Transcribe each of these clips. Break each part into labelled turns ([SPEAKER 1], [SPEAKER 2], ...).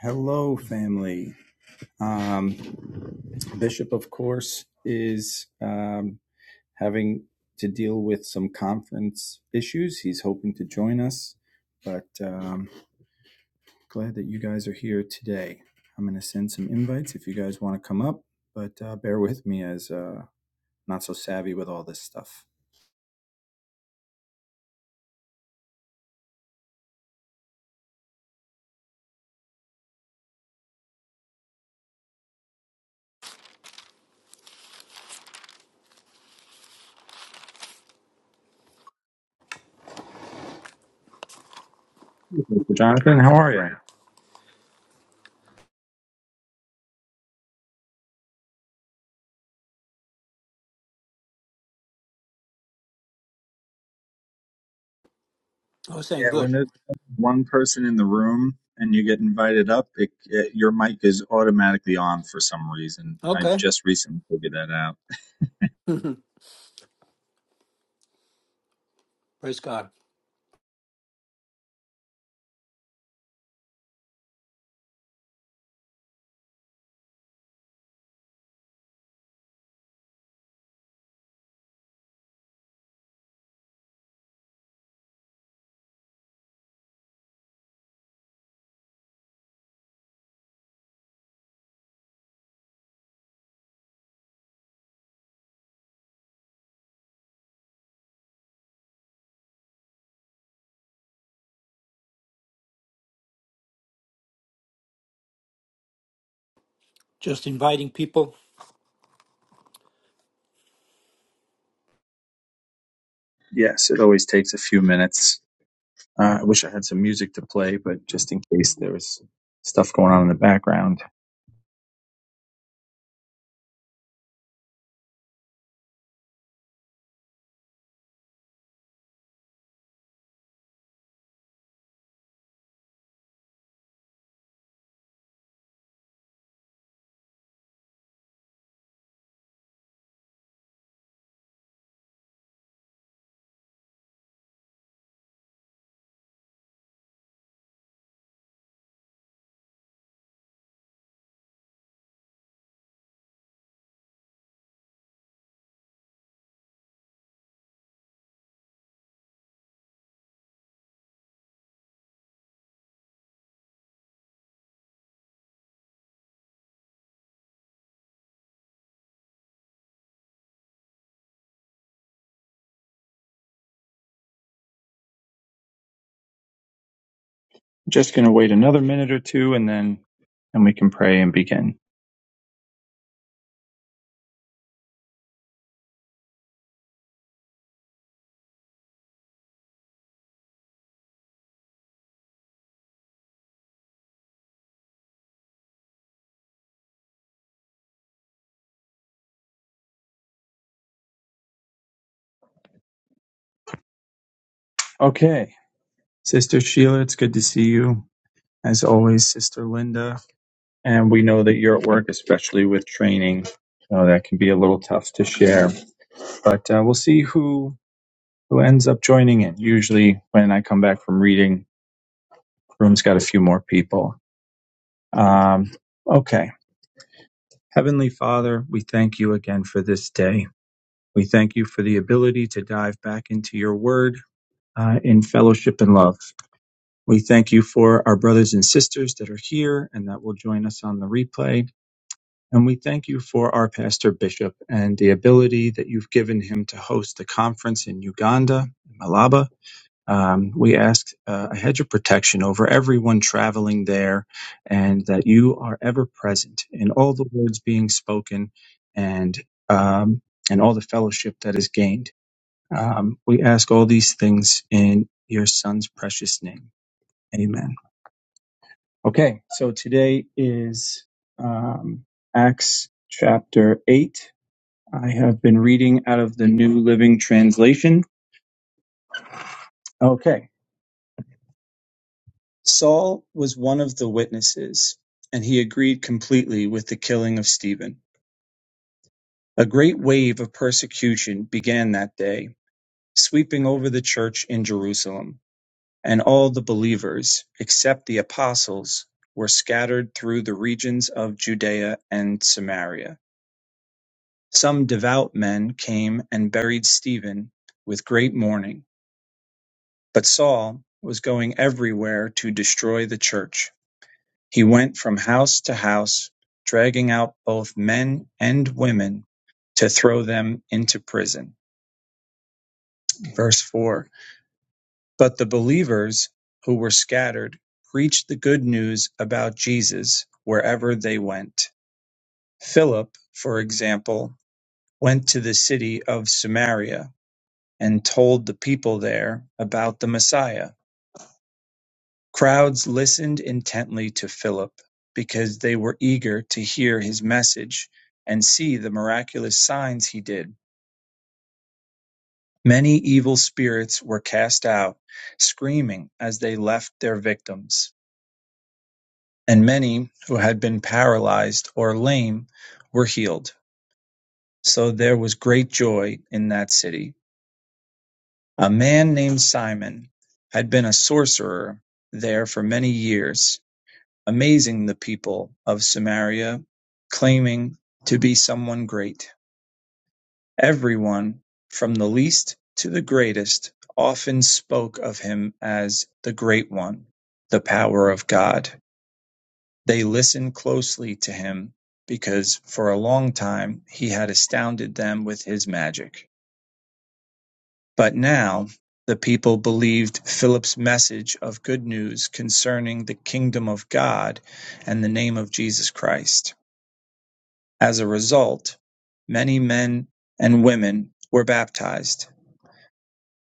[SPEAKER 1] Hello, family. Um, Bishop, of course, is um, having to deal with some conference issues. He's hoping to join us, but um, glad that you guys are here today. I'm going to send some invites if you guys want to come up, but uh, bear with me as uh, not so savvy with all this stuff. Jonathan, how are you?
[SPEAKER 2] I was saying
[SPEAKER 1] Yeah, when
[SPEAKER 2] good.
[SPEAKER 1] there's one person in the room and you get invited up, it, it, your mic is automatically on for some reason. I
[SPEAKER 2] Okay.
[SPEAKER 1] just recently figured that out.
[SPEAKER 2] Praise God. Just inviting people.
[SPEAKER 1] Yes, it always takes a few minutes. Uh, I wish I had some music to play, but just in case there was stuff going on in the background. Just going to wait another minute or two and then and we can pray and begin. Okay. Sister Sheila, it's good to see you. as always, Sister Linda. And we know that you're at work, especially with training. So that can be a little tough to share. But uh, we'll see who who ends up joining in. Usually, when I come back from reading, room's got a few more people. Um, okay. Heavenly Father, we thank you again for this day. We thank you for the ability to dive back into your word uh, in fellowship and love. We thank you for our brothers and sisters that are here and that will join us on the replay. And we thank you for our pastor bishop and the ability that you've given him to host a conference in Uganda, Malaba. Um, we ask uh, a hedge of protection over everyone traveling there and that you are ever present in all the words being spoken and, um, and all the fellowship that is gained. Um, we ask all these things in your son's precious name. Amen. Okay, so today is um, Acts chapter 8 I have been reading out of the New Living Translation. Okay. Saul was one of the witnesses, and he agreed completely with the killing of Stephen. A great wave of persecution began that day, sweeping over the church in Jerusalem, and all the believers, except the apostles, were scattered through the regions of Judea and Samaria. Some devout men came and buried Stephen with great mourning. But Saul was going everywhere to destroy the church. He went from house to house, dragging out both men and women to throw them into prison. Verse 4 But the believers who were scattered preached the good news about Jesus wherever they went. Philip, for example, went to the city of Samaria and told the people there about the Messiah Crowds listened intently to Philip, because they were eager to hear his message and see the miraculous signs he did. Many evil spirits were cast out, screaming as they left their victims, and many who had been paralyzed or lame were healed. So there was great joy in that city. A man named Simon had been a sorcerer there for many years amazing the people of Samaria, claiming to be someone great. Everyone, from the least to the greatest, often spoke of him as the Great One, the power of God. They listened closely to him because for a long time he had astounded them with his magic. But now the people believed Philip's message of good news concerning the kingdom of God and the name of Jesus Christ. As a result, many men and women were baptized.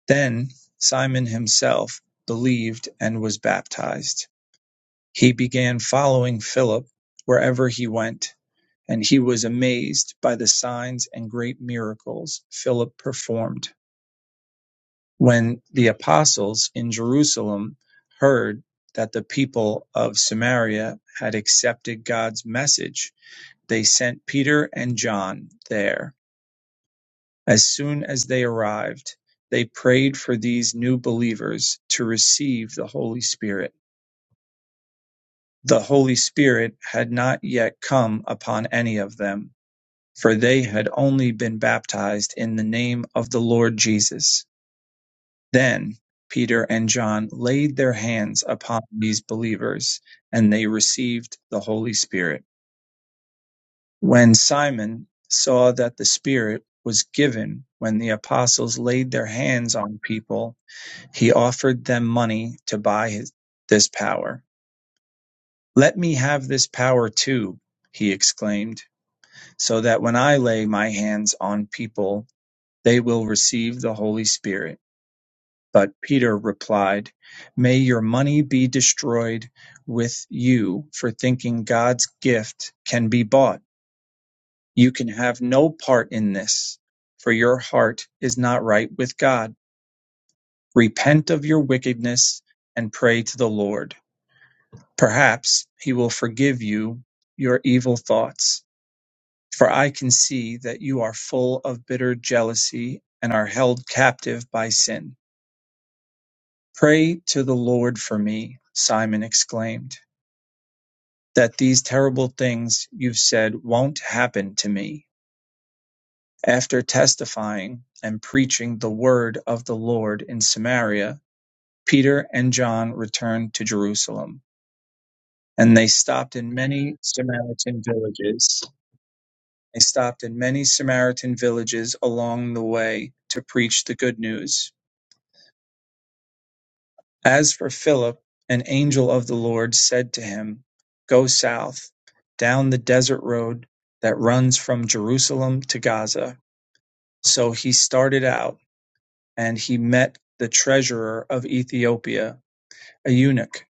[SPEAKER 1] Then Simon himself believed and was baptized. He began following Philip wherever he went, and he was amazed by the signs and great miracles Philip performed. When the apostles in Jerusalem heard that the people of Samaria had accepted God's message, they sent Peter and John there As soon as they arrived, they prayed for these new believers to receive the Holy Spirit. The Holy Spirit had not yet come upon any of them, for they had only been baptized in the name of the Lord Jesus. Then Peter and John laid their hands upon these believers, and they received the Holy Spirit. When Simon saw that the Spirit was given when the apostles laid their hands on people, He offered them money to buy his, this power. Let me have this power too, he exclaimed, so that when I lay my hands on people, they will receive the Holy Spirit. But Peter replied, May your money be destroyed with you for thinking God's gift can be bought. You can have no part in this, for your heart is not right with God. Repent of your wickedness and pray to the Lord Perhaps he will forgive you your evil thoughts, for I can see that you are full of bitter jealousy and are held captive by sin. Pray to the Lord for me, Simon exclaimed, that these terrible things you've said won't happen to me. After testifying and preaching the word of the Lord in Samaria, Peter and John returned to Jerusalem, and they stopped in many Samaritan villages They stopped in many Samaritan villages along the way to preach the good news. As for Philip, an angel of the Lord said to him, Go south, down the desert road that runs from Jerusalem to Gaza. So he started out, and he met the treasurer of Ethiopia, a eunuch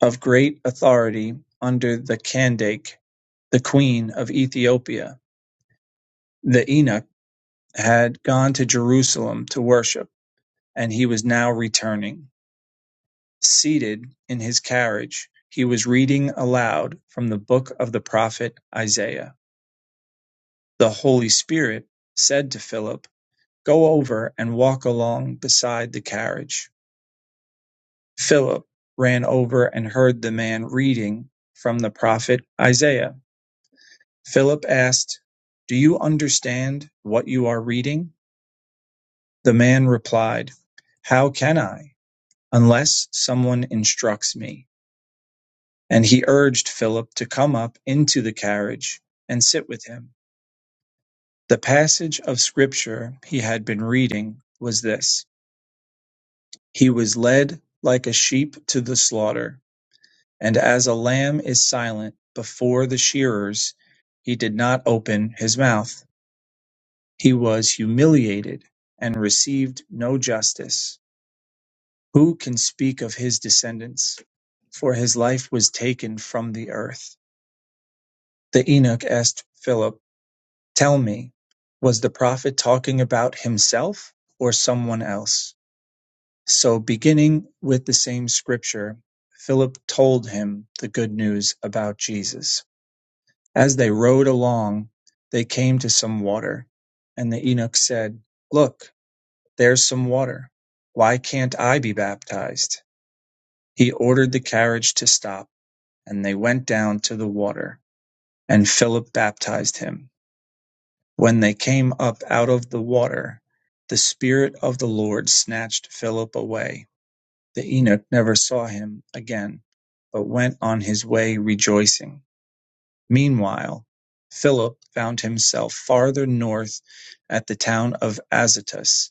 [SPEAKER 1] of great authority under the Candake, the queen of Ethiopia. The eunuch had gone to Jerusalem to worship And he was now returning. Seated in his carriage, he was reading aloud from the book of the prophet Isaiah. The Holy Spirit said to Philip, Go over and walk along beside the carriage. Philip ran over and heard the man reading from the prophet Isaiah. Philip asked, Do you understand what you are reading? The man replied, How can I, unless someone instructs me? And he urged Philip to come up into the carriage and sit with him. The passage of scripture he had been reading was this He was led like a sheep to the slaughter, and as a lamb is silent before the shearers, he did not open his mouth. He was humiliated and received no justice. Who can speak of his descendants? For his life was taken from the earth. The eunuch asked Philip, Tell me, was the prophet talking about himself or someone else? So, beginning with the same scripture, Philip told him the good news about Jesus. As they rode along, they came to some water, and the eunuch said, Look, there's some water. Why can't I be baptized? He ordered the carriage to stop, and they went down to the water, and Philip baptized him. When they came up out of the water, the Spirit of the Lord snatched Philip away. The eunuch never saw him again, but went on his way rejoicing. Meanwhile, Philip found himself farther north at the town of Azotus.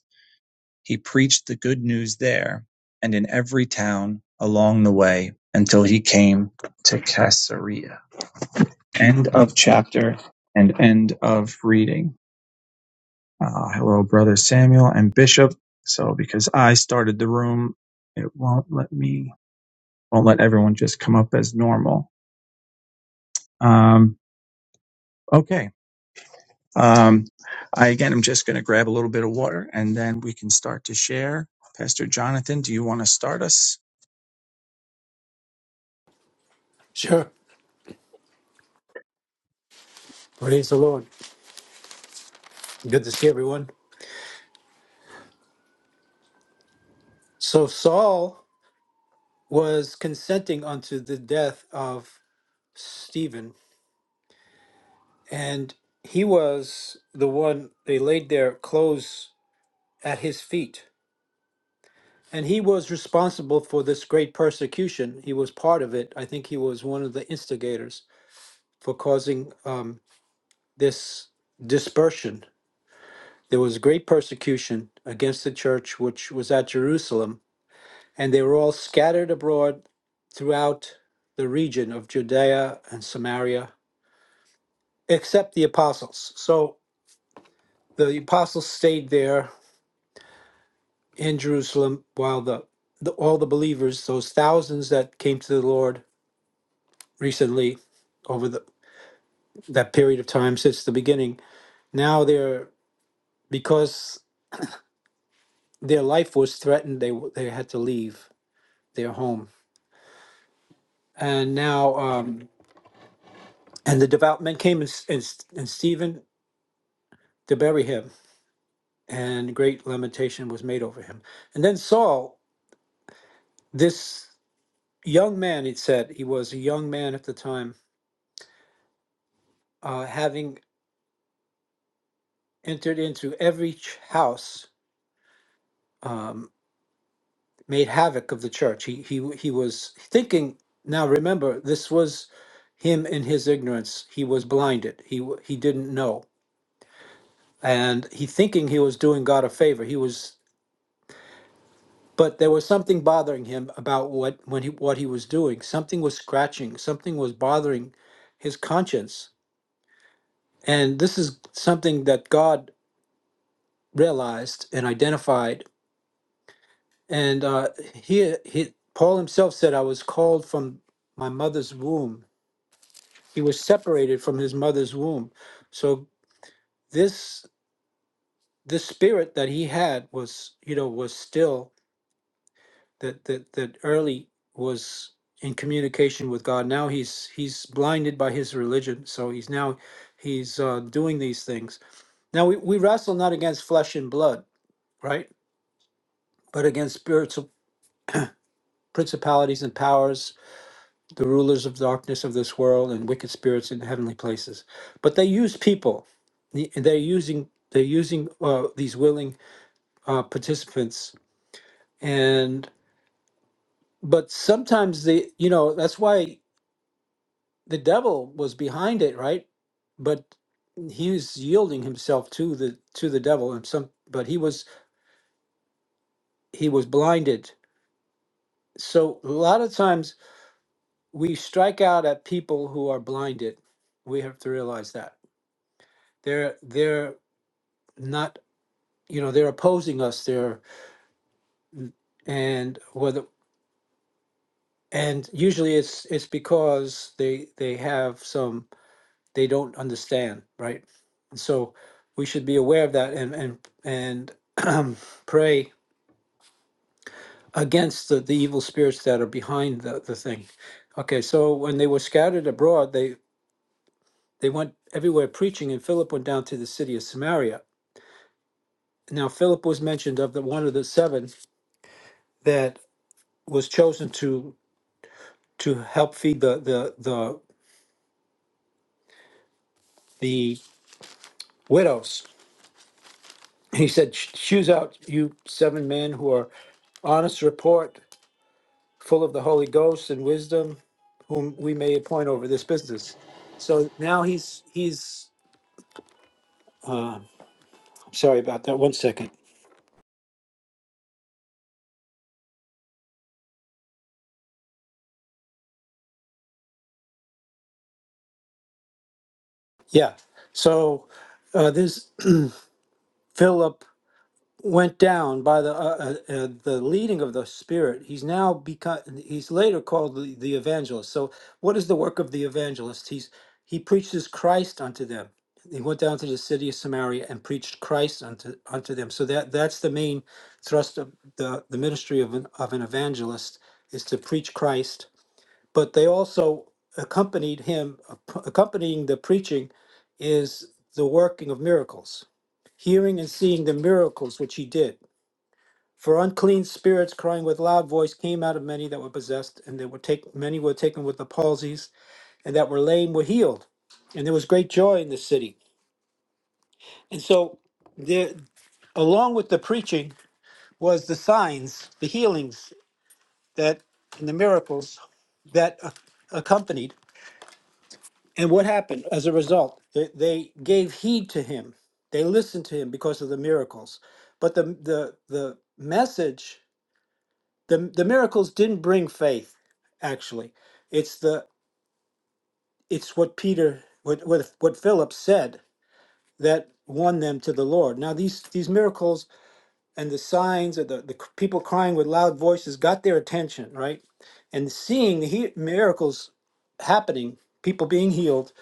[SPEAKER 1] He preached the good news there and in every town along the way until he came to Caesarea. End of chapter and end of reading. Uh, hello, Brother Samuel and Bishop. So, because I started the room, it won't let me, won't let everyone just come up as normal. Um, okay. Um, I again, I'm just going to grab a little bit of water and then we can start to share. Pastor Jonathan, do you want to start us?
[SPEAKER 2] Sure. Praise the Lord. Good to see everyone. So Saul was consenting unto the death of Stephen, and he was the one they laid their clothes at his feet. And he was responsible for this great persecution. He was part of it. I think he was one of the instigators for causing um, this dispersion There was great persecution against the church which was at Jerusalem, and they were all scattered abroad throughout the region of Judea and Samaria, except the apostles. So the apostles stayed there in Jerusalem while the, the all the believers, those thousands that came to the Lord recently over the, that period of time since the beginning, now they're because their life was threatened, they they had to leave their home, and now. Um, And the devout men came and, and, and Stephen to bury him, and great lamentation was made over him. And then Saul, this young man, it said, he was a young man at the time, uh, having entered into every ch- house, um, made havoc of the church. He, he, he was thinking, now remember, this was him in his ignorance. He was blinded, he, w- he didn't know. And he thinking he was doing God a favor. He was but there was something bothering him about what when he what he was doing something was scratching something was bothering his conscience and this is something that god realized and identified and uh he, he paul himself said i was called from my mother's womb he was separated from his mother's womb so this this spirit that he had was you know was still that that that early was in communication with God. Now he's he's blinded by his religion, so he's now he's uh, doing these things. Now we, we wrestle not against flesh and blood, right, but against spiritual principalities and powers, the rulers of darkness of this world, and wicked spirits in heavenly places. But they use people. The- They're using they're using uh, these willing uh, participants, and but sometimes they you know that's why the devil was behind it, right? But he was yielding himself to the to the devil and some but he was he was blinded. So a lot of times we strike out at people who are blinded. We have to realize that. They're they're not you know, they're opposing us. They're and whether and usually it's it's because they they have some they don't understand, right? And so we should be aware of that and and and pray against the, the evil spirits that are behind the, the thing. Okay, so when they were scattered abroad, they they went everywhere preaching, and Philip went down to the city of Samaria. Now Philip was mentioned of the one of the seven that was chosen to to help feed the the the the widows. He said, "Sh- "Choose out you seven men who are honest report full of the Holy Ghost and wisdom, whom we may appoint over this business. So now he's he's sorry about that. One second. Yeah. So uh, this Philip went down by the uh, uh, uh, the leading of the spirit he's now become he's later called the, the evangelist so what is the work of the evangelist he's he preaches christ unto them he went down to the city of samaria and preached christ unto unto them so that that's the main thrust of the the ministry of an, of an evangelist is to preach christ but they also accompanied him accompanying the preaching is the working of miracles hearing and seeing the miracles which he did for unclean spirits crying with loud voice came out of many that were possessed, and that were take, many were taken with the palsies, and that were lame were healed. And there was great joy in the city. And so there along with the preaching was the signs, the healings that and the miracles that a- accompanied. And what happened as a result? They, they gave heed to him. They listened to him because of the miracles. But the the the message the the miracles didn't bring faith actually it's the it's what peter what what, what philip said that won them to the lord now these these miracles and the signs or the, the c- people crying with loud voices got their attention right and seeing the he- miracles happening people being healed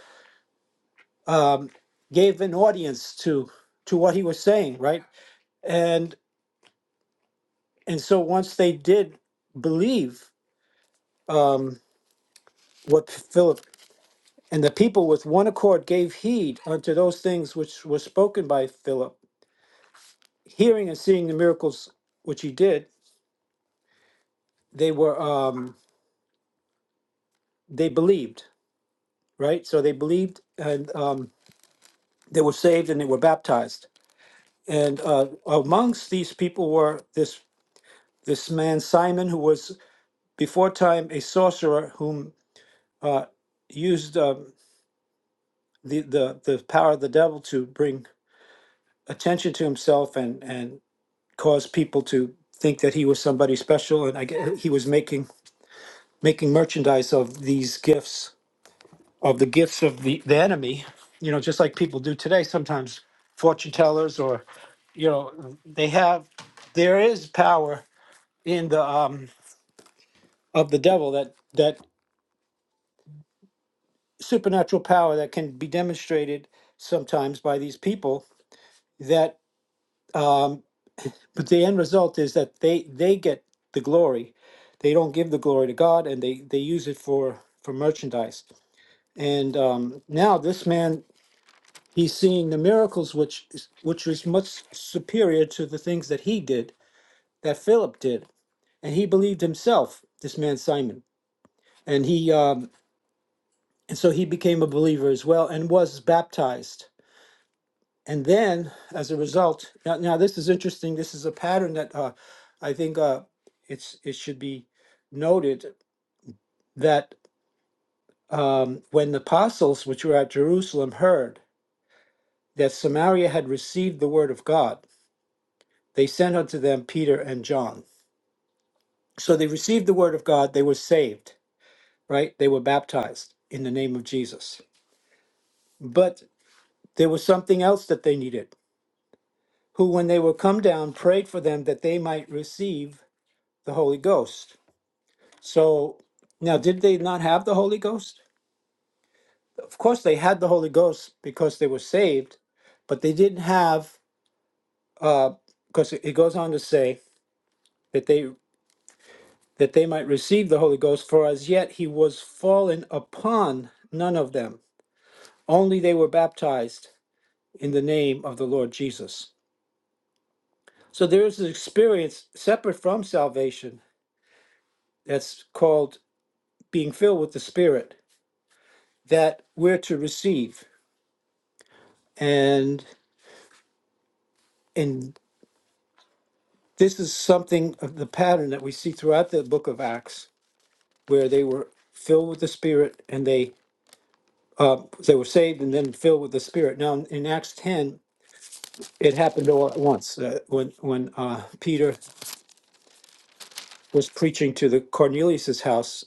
[SPEAKER 2] gave an audience to to what he was saying right and and so once they did believe um, what philip And the people with one accord gave heed unto those things which were spoken by Philip, hearing and seeing the miracles which he did. They were um, they believed, right? So they believed, and um, they were saved, and they were baptized. And uh, amongst these people were this this man Simon, who was before time a sorcerer, whom uh, used um, the, the the power of the devil to bring attention to himself and and caused people to think that he was somebody special, and I guess he was making making merchandise of these gifts of the gifts of the the enemy. You know, just like people do today. Sometimes fortune tellers, or you know, they have there is power in the um of the devil that that supernatural power that can be demonstrated sometimes by these people that. but the end result is that they they get the glory they don't give the glory to god and they they use it for for merchandise and um now this man he's seeing the miracles which is- which was much superior to the things that he did that philip did and he believed himself this man simon and he um and so he became a believer as well and was baptized And then, as a result, now, now this is interesting. This is a pattern that uh, I think uh, it's it should be noted that um, when the apostles, which were at Jerusalem, heard that Samaria had received the word of God, they sent unto them Peter and John. So they received the word of God. They were saved, right? They were baptized in the name of Jesus. But there was something else that they needed. Who, when they were come down, prayed for them that they might receive the Holy Ghost So now, did they not have the Holy Ghost? Of course, they had the Holy Ghost because they were saved, but they didn't have, because it it goes on to say that they that they might receive the Holy Ghost. For as yet he was fallen upon none of them; only they were baptized in the name of the Lord Jesus. So there is an experience separate from salvation that's called being filled with the Spirit that we're to receive, and in this is something of the pattern that we see throughout the book of acts where they were filled with the spirit and they they were saved and then filled with the spirit now in, in acts 10 it happened all at once uh, when when uh, peter was preaching to the cornelius's house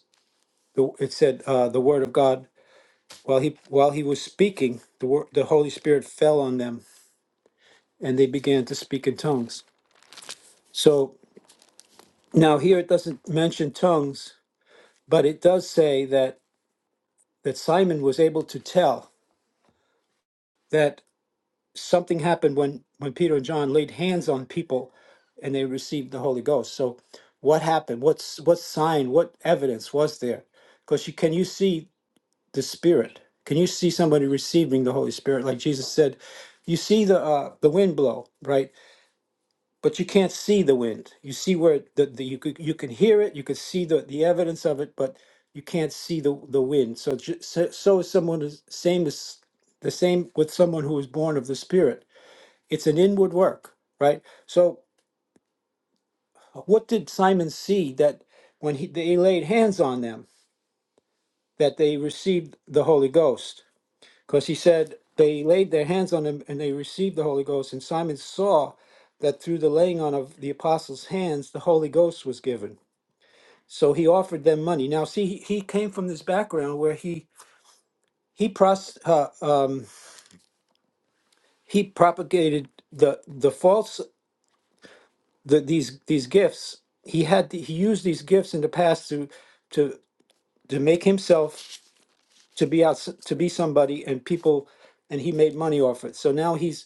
[SPEAKER 2] the, it said uh, the word of god while he while he was speaking the word the holy spirit fell on them and they began to speak in tongues so now here it doesn't mention tongues but it does say that that simon was able to tell that something happened when when Peter and John laid hands on people and they received the Holy Ghost. So what happened? What's what sign, what evidence was there? Because you can you see the Spirit? Can you see somebody receiving the Holy Spirit? Like Jesus said, you see the uh, the wind blow, right? But you can't see the wind. You see where it- the, the you could, you can hear it, you could see the the evidence of it, but you can't see the the wind. So ju- so, so is someone is same as the same with someone who is born of the Spirit it's an inward work, right? So what did Simon see that when he, they laid hands on them, that they received the Holy Ghost? Because he said they laid their hands on them and they received the Holy Ghost. And Simon saw that through the laying on of the apostles' hands, the Holy Ghost was given. So he offered them money. Now, see, he, he came from this background where he he pros, uh, um, he propagated the the false the, these these gifts he had he used these gifts in the past to to to make himself to be out to be somebody and people and he made money off it so now he's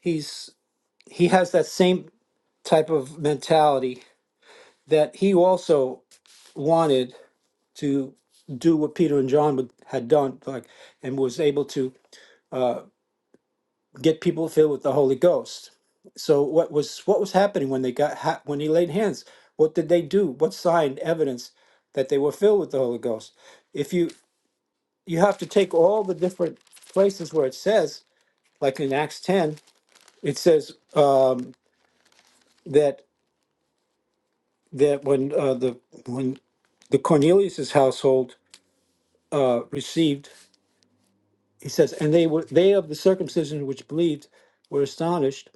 [SPEAKER 2] he's he has that same type of mentality that he also wanted to do what peter and john would, had done like and was able to get people filled with the Holy Ghost. So what was what was happening when they got ha- when he laid hands? What did they do? What sign evidence that they were filled with the Holy Ghost? If you you have to take all the different places where it says, like in Acts ten, it says uh, that that when uh, the when the Cornelius's household uh, received, he says, and they were they of the circumcision which believed were astonished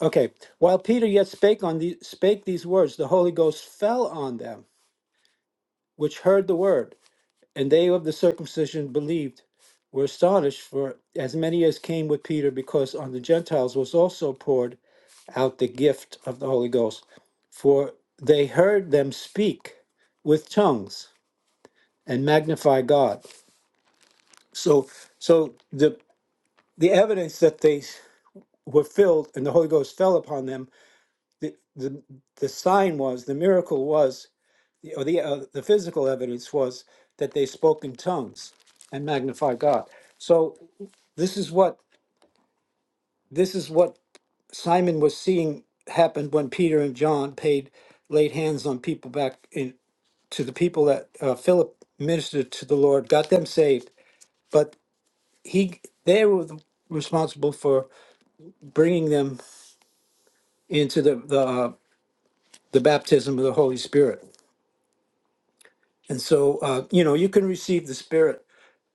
[SPEAKER 2] Okay. While Peter yet spake on the, spake these words, the Holy Ghost fell on them which heard the word, and they of the circumcision believed were astonished for as many as came with Peter, because on the Gentiles was also poured out the gift of the Holy Ghost. For they heard them speak with tongues and magnify God. So so the the evidence that they were filled and the Holy Ghost fell upon them, the, the the sign was, the miracle was or the uh, the physical evidence was that they spoke in tongues and magnified God. So this is what this is what Simon was seeing happen when Peter and John paid laid hands on people back in to the people that uh, Philip ministered to the Lord, got them saved, but he they were the- responsible for bringing them into the the, uh, the baptism of the Holy Spirit. And so uh, you know you can receive the Spirit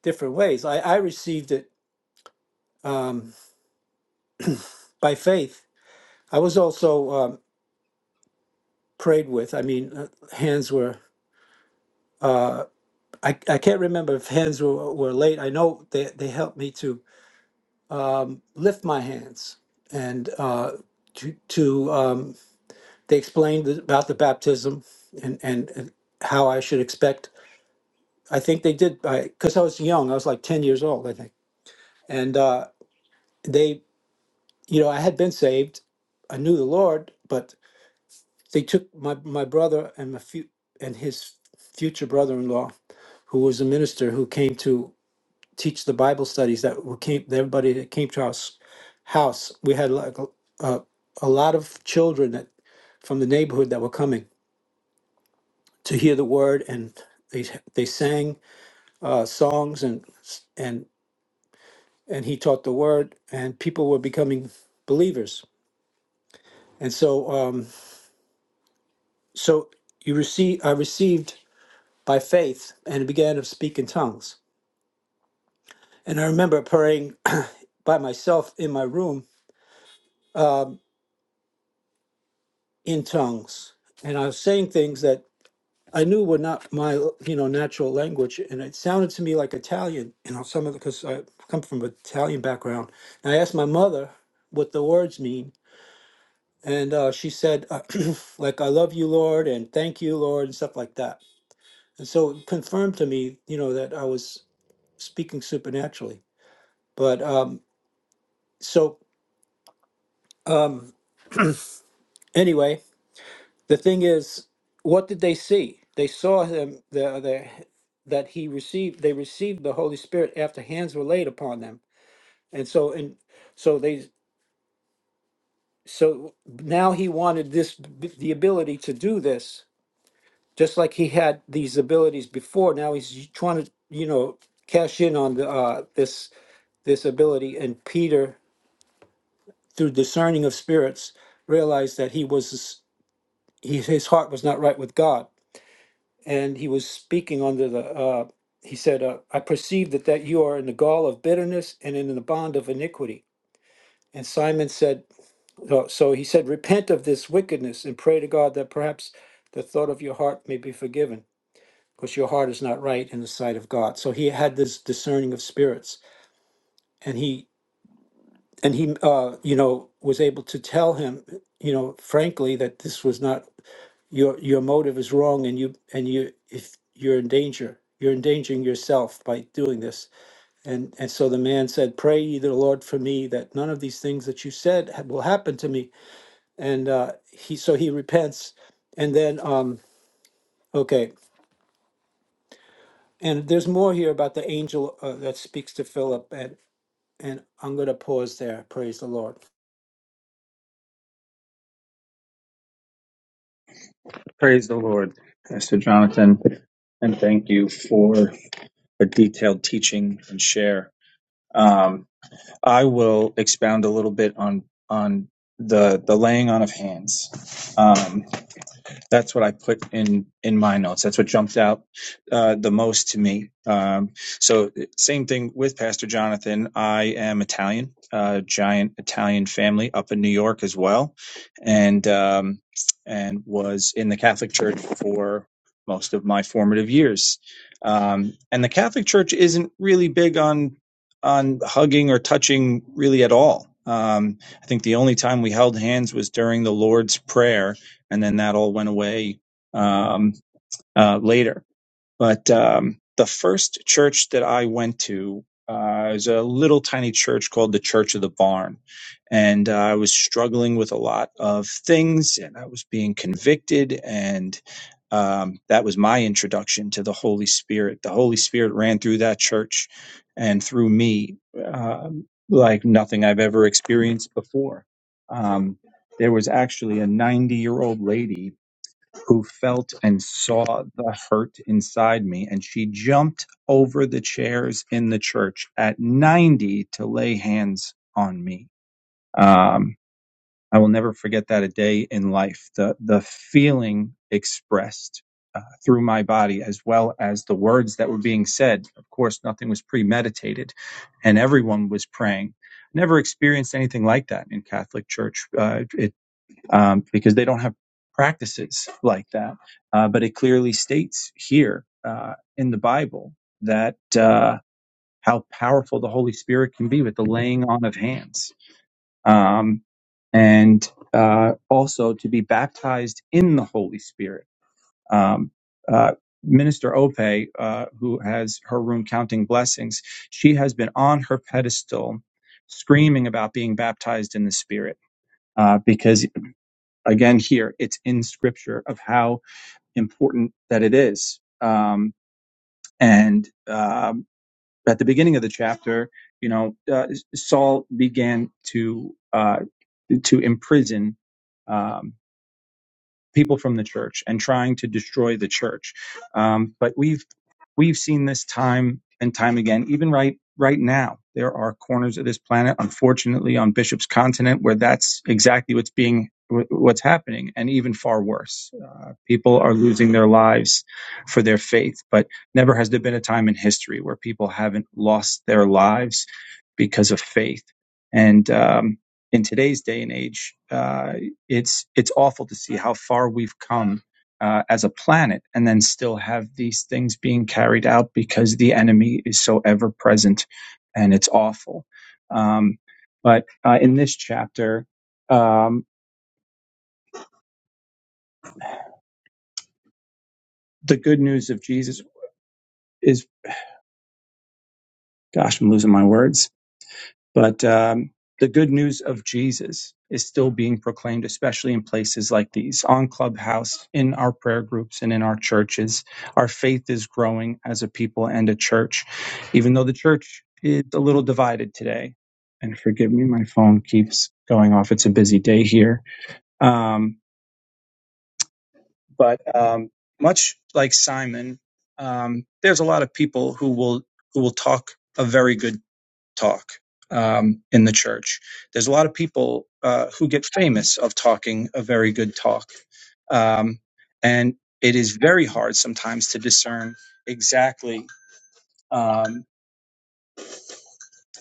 [SPEAKER 2] different ways. I, I received it um, by faith. I was also um, prayed with. I mean, uh, hands were. I, I can't remember if hands were, were laid. I know they, they helped me to um, lift my hands and uh, to, to um, they explained about the baptism and, and, and how I should expect. I think they did because I was young. I was like ten years old, I think. And uh, they, you know, I had been saved. I knew the Lord, but. they took my my brother and my few and his future brother-in-law, who was a minister who came to teach the Bible studies that who came that everybody that came to our s- house. We had like a, a, a lot of children that from the neighborhood that were coming to hear the word, and they they sang uh, songs and and and he taught the word, and people were becoming believers. And so um, so you receive I received. by faith and began to speak in tongues. And I remember praying by myself in my room in tongues. And I was saying things that I knew were not my, you know, natural language. And it sounded to me like Italian, you know, some of the, because I come from an Italian background. And I asked my mother what the words mean. And uh, she said, uh, like, I love you, Lord, and thank you, Lord, and stuff like that. And so it confirmed to me, you know, that I was speaking supernaturally. But um, so, um, Anyway, the thing is, what did they see? They saw him the, the that he received they received the Holy Spirit after hands were laid upon them. And so and so they so now he wanted this the ability to do this just like he had these abilities before. Now he's trying to, you know, cash in on the uh this this ability and Peter through discerning of spirits realized that he was he his heart was not right with God and he was speaking under the uh, he said uh, i perceive that that you are in the gall of bitterness and in the bond of iniquity and simon said uh, so he said repent of this wickedness and pray to god that perhaps the thought of your heart may be forgiven because your heart is not right in the sight of god so he had this discerning of spirits and he and he uh, you know was able to tell him you know frankly that this was not your your motive is wrong and you and you if you're in danger you're endangering yourself by doing this and and so the man said pray ye the lord for me that none of these things that you said ha- will happen to me and uh he so he repents and then um okay and there's more here about the angel uh, that speaks to philip and and i'm going to pause there praise the lord
[SPEAKER 1] Praise the Lord, Pastor Jonathan. And thank you for a detailed teaching and share. Um, I will expound a little bit on on the the laying on of hands. Um, that's what I put in in my notes. That's what jumped out uh, the most to me. Um, so same thing with Pastor Jonathan. I am Italian, uh, giant Italian family up in New York as well, and um, and was in the Catholic Church for most of my formative years. Um, and the Catholic Church isn't really big on on hugging or touching really at all. Um, I think the only time we held hands was during the Lord's Prayer, and then that all went away um, uh, later. But um, the first church that I went to uh, is a little tiny church called the Church of the Barn, and uh, I was struggling with a lot of things, and I was being convicted, and um, that was my introduction to the Holy Spirit. The Holy Spirit ran through that church and through me um like nothing I've ever experienced before. Um, there was actually a 90 year old lady who felt and saw the hurt inside me. And she jumped over the chairs in the church at 90 to lay hands on me. Um, I will never forget that a day in life. The, the feeling expressed uh, through my body, as well as the words that were being said. Of course, nothing was premeditated, and everyone was praying. Never experienced anything like that in Catholic Church. Uh, it um, because they don't have practices like that. Uh, but it clearly states here uh, in the Bible that uh, how powerful the Holy Spirit can be with the laying on of hands, um, and uh, also to be baptized in the Holy Spirit. Um, uh, Minister Ope, uh, who has her room counting blessings, she has been on her pedestal screaming about being baptized in the Spirit. Uh, because again here it's in scripture of how important that it is um, and um, at the beginning of the chapter you know uh, saul began to uh, to imprison um, people from the church and trying to destroy the church. Um, but we've we've seen this time and time again. Even right right now, there are corners of this planet, unfortunately, on Bishop's continent, where that's exactly what's being what's happening, and even far worse. Uh, people are losing their lives for their faith. But never has there been a time in history where people haven't lost their lives because of faith. And um, in today's day and age. Uh, it's it's awful to see how far we've come uh, as a planet, and then still have these things being carried out because the enemy is so ever present, and it's awful. Um, but uh, in this chapter, um, the good news of Jesus is, gosh, I'm losing my words But um, the good news of Jesus is still being proclaimed, especially in places like these, on Clubhouse, in our prayer groups, and in our churches. Our faith is growing as a people and a church, even though the church is a little divided today. And forgive me, my phone keeps going off. It's a busy day here. Um, but um, much like Simon, um, there's a lot of people who will who will talk a very good talk um, in the church. There's a lot of people uh, who get famous of talking a very good talk. Um, and it is very hard sometimes to discern exactly. Um,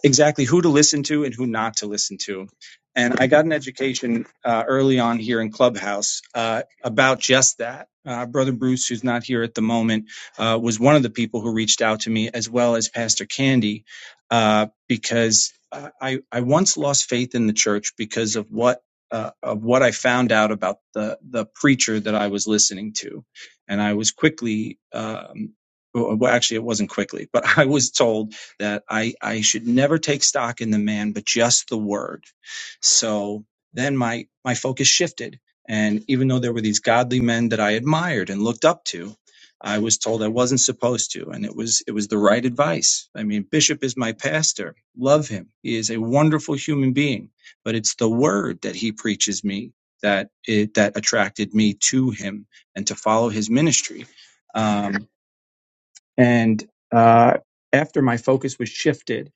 [SPEAKER 1] exactly who to listen to and who not to listen to. And I got an education uh, early on here in Clubhouse uh, about just that. Uh, Brother Bruce, who's not here at the moment, uh, was one of the people who reached out to me, as well as Pastor Candy, uh, because uh, I, I once lost faith in the church because of what uh, of what I found out about the the preacher that I was listening to, and I was quickly, um, well, well, actually, it wasn't quickly, but I was told that I, I should never take stock in the man, but just the word. So then my, my focus shifted. And even though there were these godly men that I admired and looked up to, I was told I wasn't supposed to. And it was, it was the right advice. I mean, Bishop is my pastor. Love him. He is a wonderful human being, but it's the word that he preaches me that it, that attracted me to him and to follow his ministry. Um, and uh, after my focus was shifted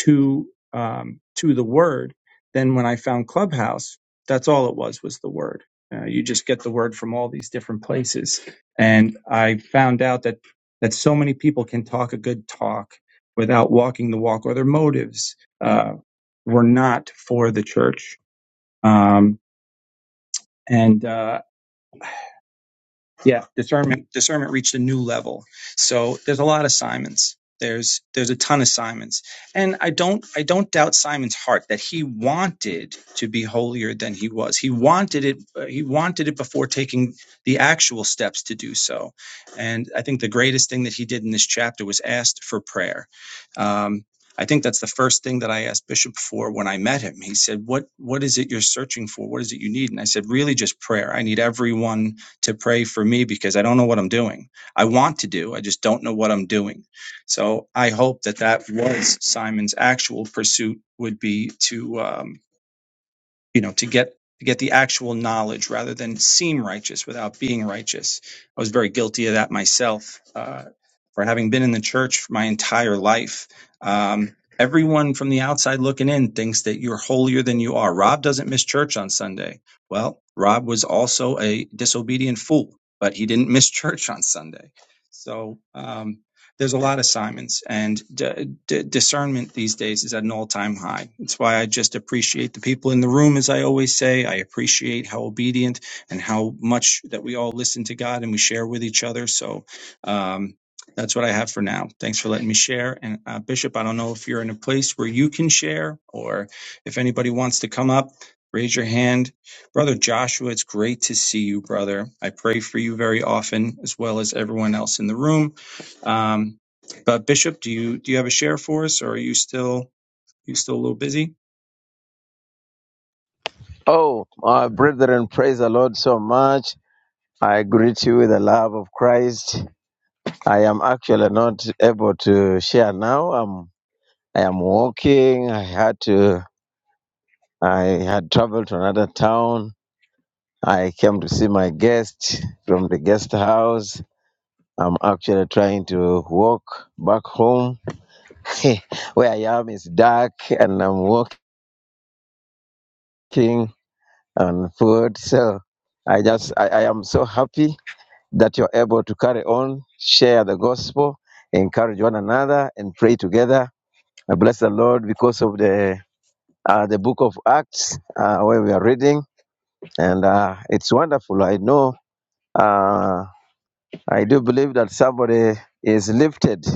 [SPEAKER 1] to um, to the word, then when I found Clubhouse, that's all it was was the word. Uh, you just get the word from all these different places, and I found out that that so many people can talk a good talk without walking the walk, or their motives uh, were not for the church. Um, and uh, yeah discernment discernment reached a new level so there's a lot of simons there's there's a ton of simons and i don't i don't doubt simon's heart that he wanted to be holier than he was he wanted it uh, he wanted it before taking the actual steps to do so and i think the greatest thing that he did in this chapter was asked for prayer um, I think that's the first thing that I asked Bishop for when I met him. He said, "What what is it you're searching for? What is it you need?" And I said, "Really, just prayer. I need everyone to pray for me because I don't know what I'm doing. I want to do, I just don't know what I'm doing. So I hope that that was Simon's actual pursuit would be to um, you know to get to get the actual knowledge rather than seem righteous without being righteous i was very guilty of that myself uh, for having been in the church for my entire life um, everyone from the outside looking in thinks that you're holier than you are rob doesn't miss church on sunday well rob was also a disobedient fool but he didn't miss church on sunday so um, there's a lot of Simons, and d- d- discernment these days is at an all time high. It's why I just appreciate the people in the room, as I always say. I appreciate how obedient and how much that we all listen to God and we share with each other. So um, that's what I have for now. Thanks for letting me share. And uh, Bishop, I don't know if you're in a place where you can share or if anybody wants to come up. Raise your hand. Brother Joshua, it's great to see you, brother. I pray for you very often, as well as everyone else in the room. Um, but Bishop, do you do you have a share for us, or are you still you still a little busy?
[SPEAKER 3] Oh, my brethren, praise the Lord so much. I greet you with the love of Christ. I am actually not able to share now. I'm, I am walking. I had to, I had traveled to another town. I came to see my guest from the guest house. I'm actually trying to walk back home. Where I am is dark and I'm walking on foot. So I just, I, I am so happy that you're able to carry on, share the gospel, encourage one another, and pray together. I bless the Lord because of the uh, the book of Acts uh, where we are reading, and uh, it's wonderful. I know, uh, I do believe that somebody is lifted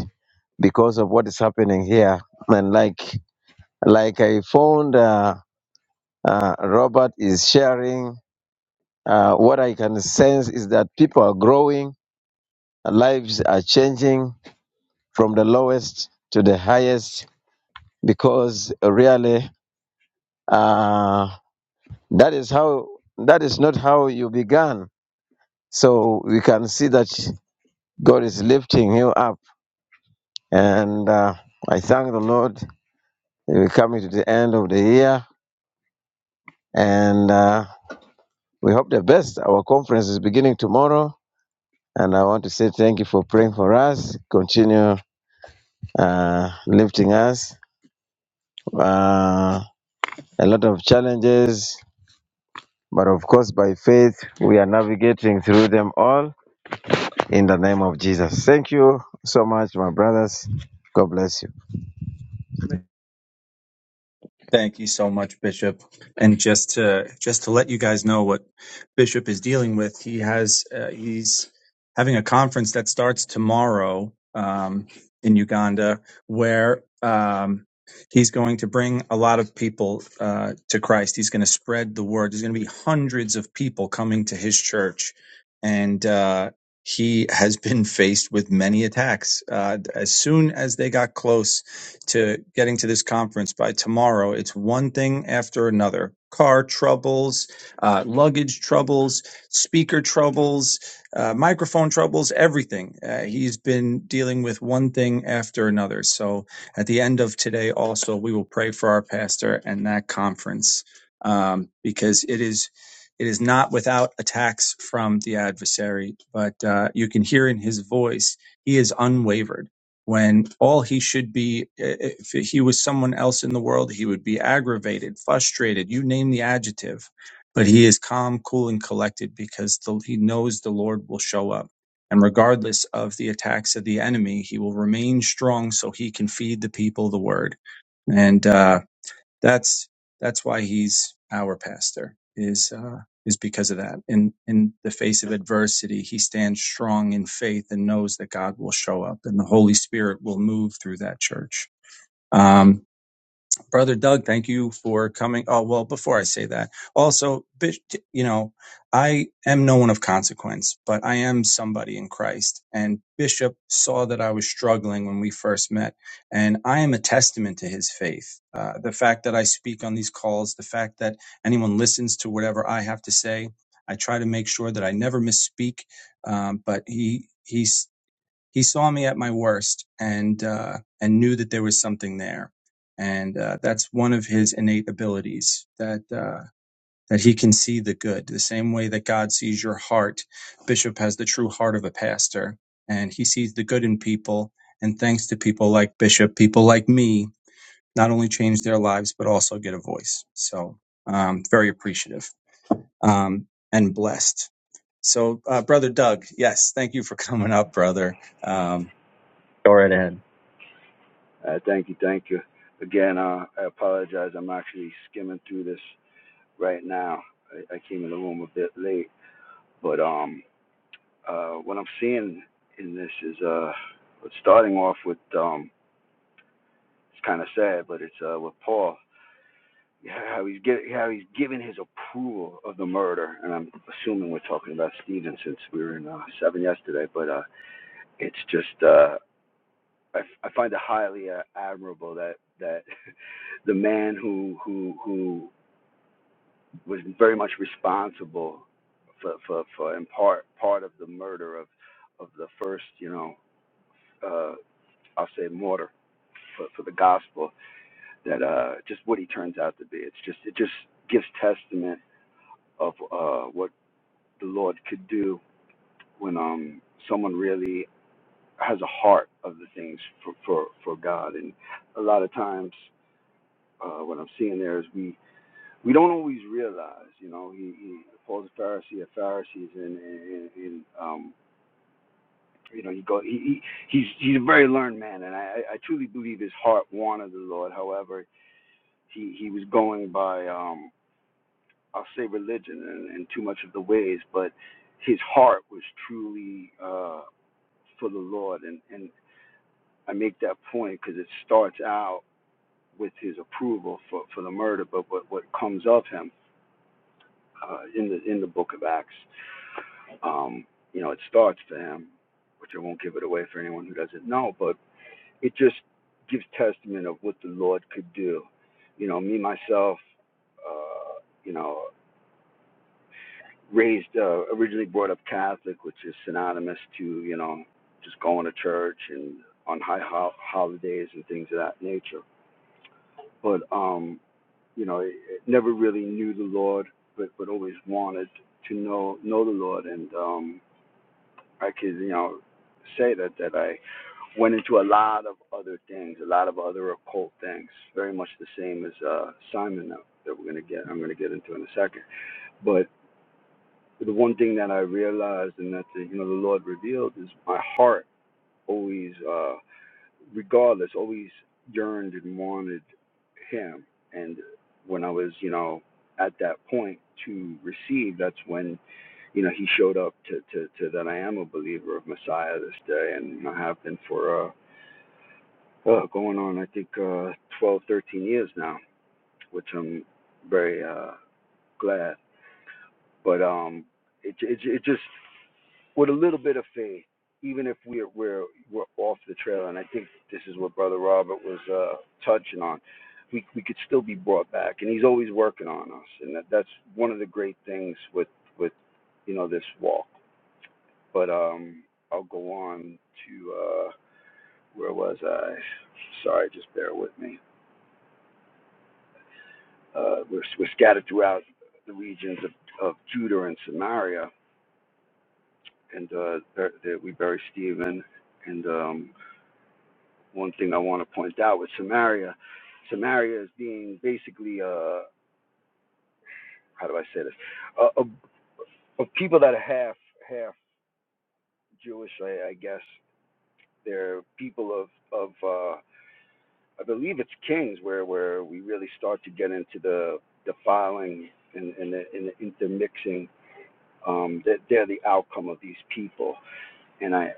[SPEAKER 3] because of what is happening here, and like like I found uh, uh, Robert is sharing. Uh, what I can sense is that people are growing, lives are changing, from the lowest to the highest because really uh, that is how that is not how you began so we can see that god is lifting you up and uh, i thank the lord we're coming to the end of the year and uh, we hope the best our conference is beginning tomorrow and i want to say thank you for praying for us continue uh, lifting us uh, a lot of challenges But of course, by faith, we are navigating through them all in the name of Jesus. Thank you so much, my brothers. God bless you.
[SPEAKER 1] Thank you so much, Bishop. And just to just to let you guys know what Bishop is dealing with, he has uh, he's having a conference that starts tomorrow um, in Uganda, where um, he's going to bring a lot of people uh, to Christ. He's going to spread the word. There's going to be hundreds of people coming to his church, and uh, he has been faced with many attacks. Uh, as soon as they got close to getting to this conference by tomorrow. It's one thing after another car troubles, uh, luggage troubles, speaker troubles, uh, microphone troubles, everything. Uh, he's been dealing with one thing after another. So at the end of today, also, we will pray for our pastor and that conference um, because it is. It is not without attacks from the adversary, but uh, you can hear in his voice, he is unwavered when all he should be, if he was someone else in the world, he would be aggravated, frustrated, you name the adjective. But he is calm, cool, and collected because the, he knows the Lord will show up. And regardless of the attacks of the enemy, he will remain strong so he can feed the people the word. And uh, that's that's why he's our pastor is uh, is because of that. In in the face of adversity, he stands strong in faith and knows that God will show up and the Holy Spirit will move through that church. Um, Brother Doug, thank you for coming. Oh, well, before I say that, also, Bish- you know, I am no one of consequence, but I am somebody in Christ. And Bishop saw that I was struggling when we first met. And I am a testament to his faith. Uh, the fact that I speak on these calls, the fact that anyone listens to whatever I have to say, I try to make sure that I never misspeak. Um, but he, he's he saw me at my worst and uh, and knew that there was something there, and uh, that's one of his innate abilities that uh, that he can see the good the same way that God sees your heart. Bishop has the true heart of a pastor, and he sees the good in people. And thanks to people like Bishop, people like me not only change their lives but also get a voice. So um, very appreciative um, and blessed. So, uh, brother Doug, yes, thank you for coming up, brother. Um, go right ahead.
[SPEAKER 4] Uh, thank you, thank you. Again, uh, I apologize. I'm actually skimming through this right now. I, I came in the room a bit late, but um, uh, what I'm seeing in this is uh, starting off with um, it's kind of sad, but it's uh, with Paul. Yeah, How he's gi- how he's giving his approval of the murder, and I'm assuming we're talking about Stephen since we were in uh, seven yesterday. But uh, it's just uh, I, I find it highly uh, admirable that that the man who who who was very much responsible for for, for in part part of the murder of of the first you know uh, I'll say martyr for, for the gospel that uh, just what he turns out to be. It's just it just gives testament of uh, what the Lord could do when um someone really has a heart of the things for for, for God. And a lot of times uh, what I'm seeing there is we we don't always realize, you know, he, he Paul's a Pharisee of Pharisees, and, and, and um, you know, he go, he, he he's he's a very learned man, and I, I truly believe his heart wanted the Lord. However, he he was going by um, I'll say religion and, and too much of the ways, but his heart was truly uh, for the Lord, and and I make that point because it starts out with his approval for for the murder, but what what comes of him uh, in the in the book of Acts. um, you know, it starts for him, which I won't give it away for anyone who doesn't know, but it just gives testament of what the Lord could do. You know, me myself, uh, you know, raised uh, originally brought up Catholic, which is synonymous to you know just going to church and on high ho- holidays and things of that nature. But um, you know, it, it never really knew the Lord, but but always wanted to know know the Lord and um I could, you know, say that that I went into a lot of other things, a lot of other occult things, very much the same as uh, Simon that, that we're gonna get. I'm gonna get into in a second. But the one thing that I realized and that the, you know the Lord revealed is my heart always. uh, regardless, always yearned and wanted him. And when I was, you know, at that point to receive, that's when, you know, he showed up to, to, to that I am a believer of Messiah this day. And you know, I have been for, uh, uh going on, I think, uh, 12, thirteen years now, which I'm very, uh, glad. But, um, it, it, it just with a little bit of faith, even if we're we're we're off the trail. And I think this is what Brother Robert was uh, touching on. We we could still be brought back, and he's always working on us, and that, that's one of the great things with with you know this walk. But um, I'll go on to uh, where was I? Sorry, just bear with me. Uh, we're we're scattered throughout the regions of, of Judah and Samaria, and uh, there, there we bury Stephen, and um, one thing I want to point out with Samaria, Samaria is being basically uh how do I say this uh, of, of people that are half half Jewish, I, I guess they're people of of uh, I believe it's Kings where where we really start to get into the defiling and and the, and the intermixing. Um, that they're they're the outcome of these people, and I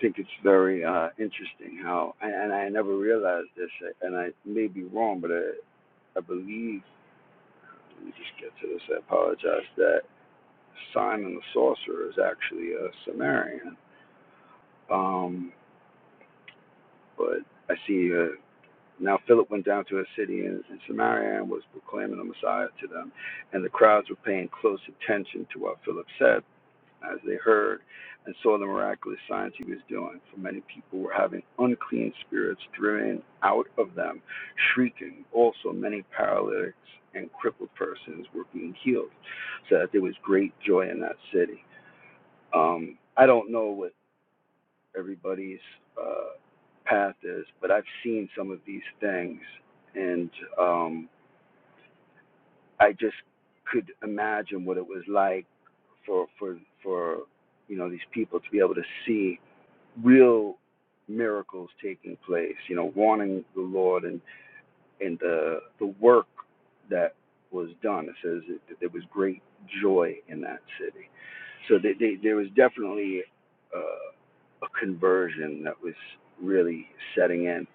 [SPEAKER 4] think it's very uh, interesting how and, and I never realized this, and I may be wrong, but I, I believe Let me just get to this. I apologize. That Simon the sorcerer is actually a Samaritan. Um, but I see uh, now Philip went down to a city in, in Samaria and was proclaiming the Messiah to them, and the crowds were paying close attention to what Philip said as they heard and saw the miraculous signs he was doing. For many people were having unclean spirits driven out of them, shrieking. Also, many paralytics and crippled persons were being healed, so that there was great joy in that city. Um, I don't know what everybody's uh, path is, but I've seen some of these things, and um, I just could imagine what it was like for for for you know these people to be able to see real miracles taking place, you know, wanting the Lord and, and the, the work that was done. It says that there was great joy in that city. So they, they, there was definitely uh, a conversion that was really setting in.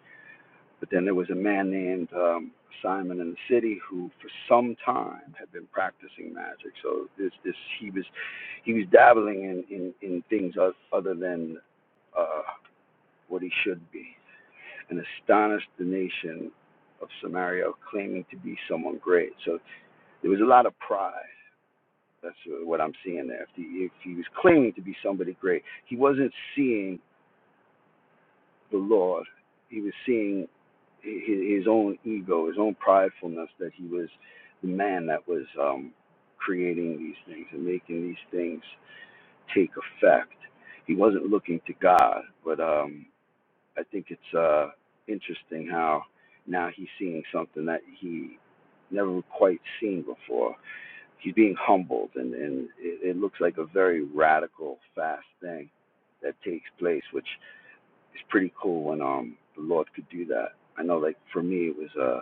[SPEAKER 4] But then there was a man named um, Simon in the city who, for some time, had been practicing magic. So this, this he was, he was dabbling in in, in things other than uh, what he should be, and astonished the nation of Samaria, claiming to be someone great. So there was a lot of pride. That's what I'm seeing there. If he, if he was claiming to be somebody great, he wasn't seeing the Lord. He was seeing his, his own ego, his own pridefulness that he was the man that was um, creating these things and making these things take effect. He wasn't looking to God, but um, I think it's uh, interesting how now he's seeing something that he never quite seen before. He's being humbled, and, and it, it looks like a very radical, fast thing that takes place, which is pretty cool when um, the Lord could do that. I know, like for me, it was uh,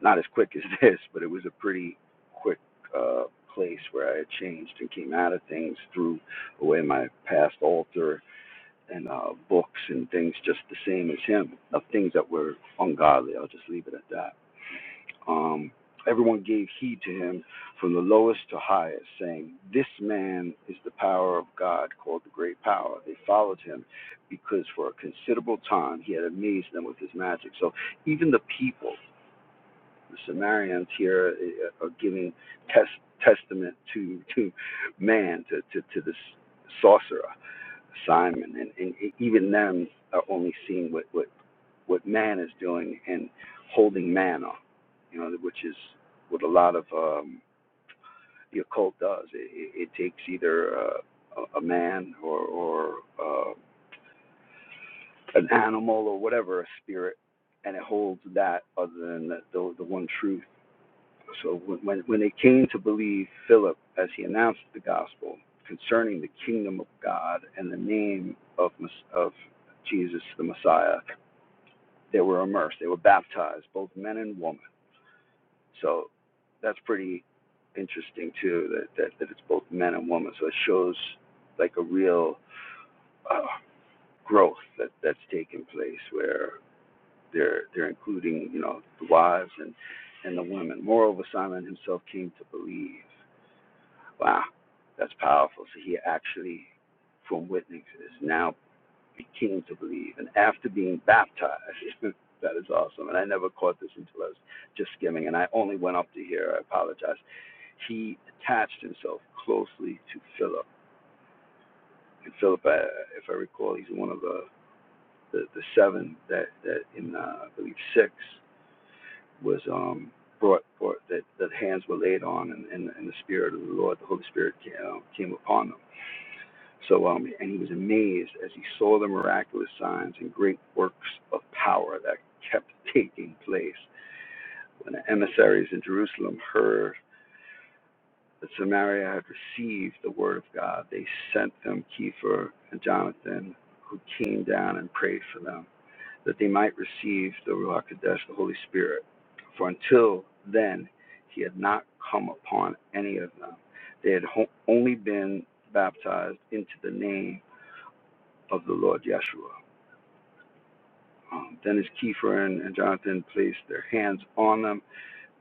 [SPEAKER 4] not as quick as this, but it was a pretty quick uh, place where I had changed and came out of things threw away my past altar and uh, books and things just the same as him, of things that were ungodly. I'll just leave it at that. Um, everyone gave heed to him from the lowest to highest, saying, This man is the power of God, called the great power. They followed him because for a considerable time he had amazed them with his magic. So even the people, the Samaritans here uh, are giving test, testament to, to man, to, to, to this sorcerer Simon, and, and e, even them are only seeing what, what, what man is doing and holding man up, you know, which is what a lot of um, the occult does. It, it, it takes either uh, a, man or, or uh, an animal or whatever, a spirit, and it holds that other than the, the, the one truth So when, when, they came to believe Philip as he announced the gospel concerning the kingdom of God and the name of, of Jesus the Messiah, they were immersed, they were baptized, both men and women. So that's pretty interesting too, that, that, that it's both men and women. So it shows like a real uh, growth that, that's taken place where they're, they're including, you know, the wives and, and the women. Moreover, Simon himself came to believe. Wow, that's powerful. So he actually, from witness, is now became to believe, and after being baptized, that is awesome. And I never caught this until I was just skimming, and I only went up to here. I apologize. He attached himself closely to Philip, and Philip, uh, if I recall, he's one of the the, the seven that that in uh, I believe six was um brought, brought that that hands were laid on, and, and, and the Spirit of the Lord, the Holy Spirit, came, uh, came upon them So, um, and he was amazed as he saw the miraculous signs and great works of power that kept taking place. When the emissaries in Jerusalem heard that Samaria had received the word of God, they sent them Kepha and Jonathan, who came down and prayed for them, that they might receive the Ruach Kodesh, the Holy Spirit. For until then, he had not come upon any of them. They had ho- only been baptized into the name of the Lord Yeshua. Um, then as and, and Jonathan placed their hands on them,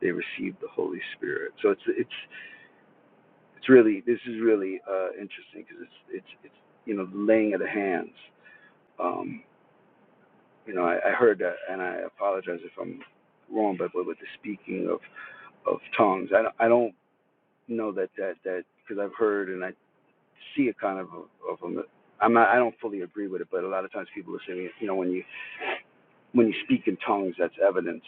[SPEAKER 4] they received the Holy Spirit. So it's it's it's really this is really uh, interesting because it's it's it's you know the laying of the hands. Um, you know, I, I heard that, and I apologize if I'm wrong, but, but with the speaking of of tongues, I don't, I don't know that that that because I've heard and I see a kind of a, of a I'm not, I don't fully agree with it, but a lot of times people are saying, you know, when you when you speak in tongues, that's evidence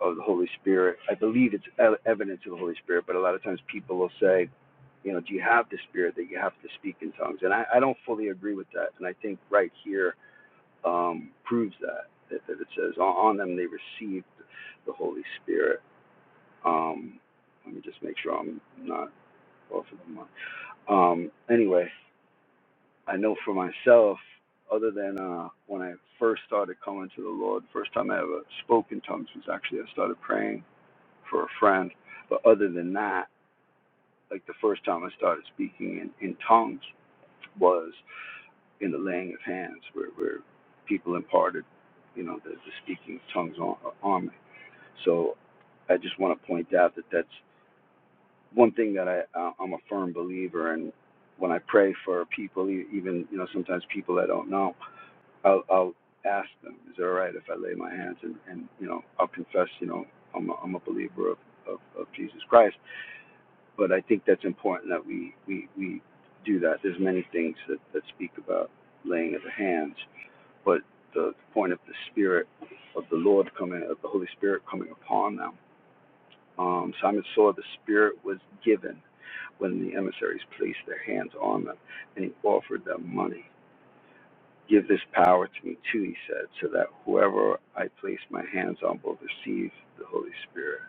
[SPEAKER 4] of the Holy Spirit. I believe it's e- evidence of the Holy Spirit, but a lot of times people will say, you know, do you have the Spirit that you have to speak in tongues? And I, I don't fully agree with that. And I think right here um, proves that, that, that it says, on on them they received the Holy Spirit. Um, let me just make sure I'm not off of the mark. Um, anyway, I know for myself, other than uh, when I first started coming to the Lord, first time I ever spoke in tongues was actually I started praying for a friend. But other than that, like the first time I started speaking in, in tongues was in the laying of hands, where, where people imparted, you know, the, the speaking of tongues on, on me. So I just want to point out that that's one thing that I uh, I'm a firm believer in. When I pray for people, e- even you know sometimes people I don't know, I'll, I'll ask them, "Is it all right if I lay my hands?" And, and you know I'll confess, you know I'm a, I'm a believer of, of of Jesus Christ. but I think that's important that we, we, we do that. There's many things that, that speak about laying of the hands, but the, the point of the Spirit of the Lord coming, of the Holy Spirit coming upon them. Um, Simon saw the Spirit was given when the emissaries placed their hands on them, and he offered them money. Give this power to me too, he said, so that whoever I place my hands on will receive the Holy Spirit.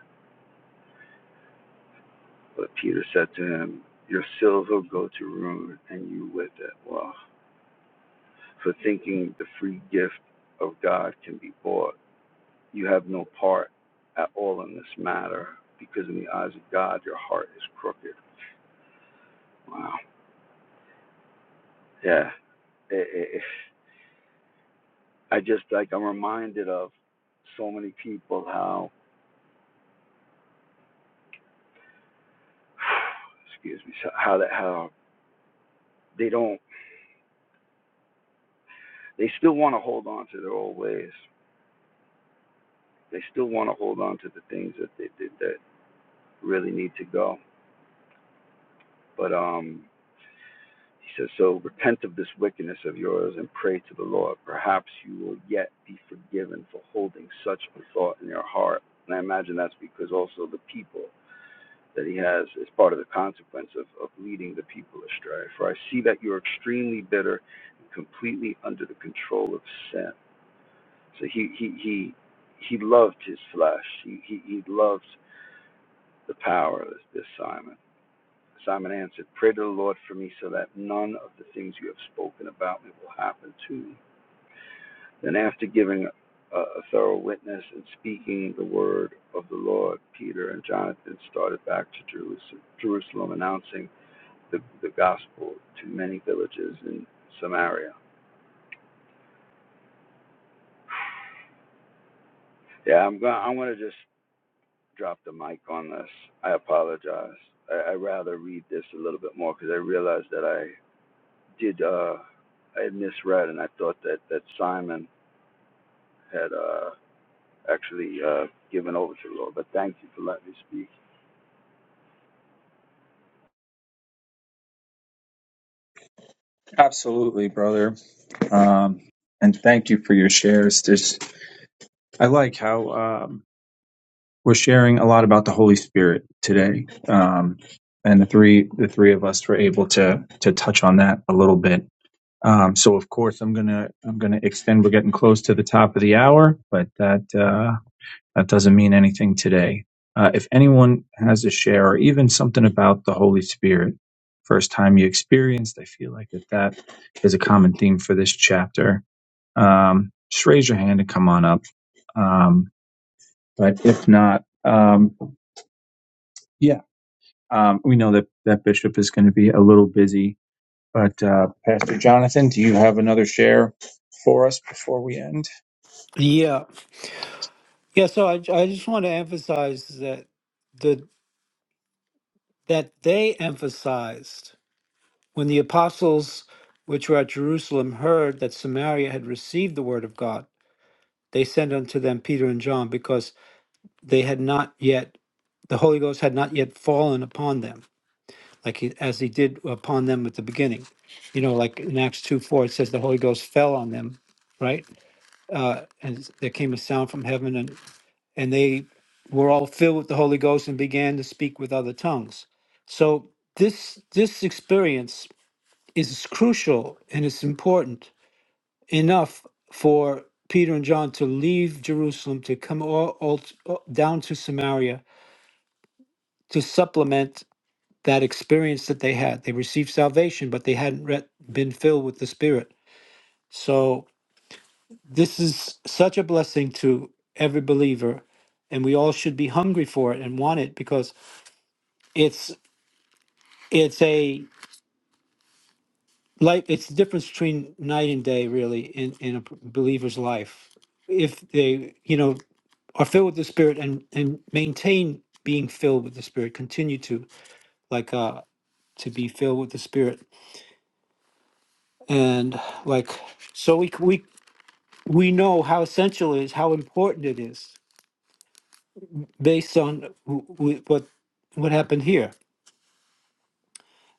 [SPEAKER 4] But Peter said to him, Your silver go to ruin, and you with it. Well, for thinking the free gift of God can be bought, you have no part at all in this matter, because in the eyes of God, your heart is crooked. Wow. Yeah. It, it, it- I just like I'm reminded of so many people how, excuse me, so- how that how they don't they still want to hold on to their old ways. They still want to hold on to the things that they did that really need to go But um, he says, So repent of this wickedness of yours and pray to the Lord. Perhaps you will yet be forgiven for holding such a thought in your heart. And I imagine that's because also the people that he has is part of the consequence of, of leading the people astray. For I see that you're extremely bitter and completely under the control of sin. So he he he he loved his flesh. He he, he loved the power this Simon. Simon answered, Pray to the Lord for me so that none of the things you have spoken about me will happen to me. Then, after giving a, a thorough witness and speaking the word of the Lord, Peter and Jonathan started back to Jerusalem, announcing the, the gospel to many villages in Samaria. Yeah, I'm going. I'm going to just drop the mic on this. I apologize. I, I rather read this a little bit more because I realized that I did. Uh, I had misread, and I thought that that Simon had uh, actually uh, given over to the Lord. But thank you for letting me speak.
[SPEAKER 1] Absolutely, brother. Um, and thank you for your shares. This I like how um, we're sharing a lot about the Holy Spirit today, um, and the three the three of us were able to to touch on that a little bit. Um, so, of course, I'm gonna I'm gonna extend. We're getting close to the top of the hour, but that. uh, that doesn't mean anything today. Uh, if anyone has a share or even something about the Holy Spirit, first time you experienced, I feel like that that is a common theme for this chapter. Um, just raise your hand and come on up. Um, but if not, um, yeah, um, we know that that bishop is going to be a little busy but uh, Pastor Jonathan, do you have another share for us before we end?
[SPEAKER 2] Yeah. Yeah. So I, I just want to emphasize that the that they emphasized. When the apostles which were at Jerusalem heard that Samaria had received the word of God, they sent unto them Peter and John because they had not yet, the Holy Ghost had not yet fallen upon them, like he, as he did upon them at the beginning. You know, like in Acts 2 4, it says the Holy Ghost fell on them, right? Uh, and there came a sound from heaven, and, and they were all filled with the Holy Ghost and began to speak with other tongues. So this this experience is crucial and it's important enough for Peter and John to leave Jerusalem to come all, all, all down to Samaria to supplement that experience that they had. They received salvation, but they hadn't re- been filled with the Spirit. So this is such a blessing to every believer, and we all should be hungry for it and want it because it's it's a life. It's the difference between night and day, really, in in a believer's life if they you know are filled with the spirit and and maintain being filled with the spirit continue to like uh to be filled with the spirit and like so we we we know how essential it is how important it is based on wh- wh- what what happened here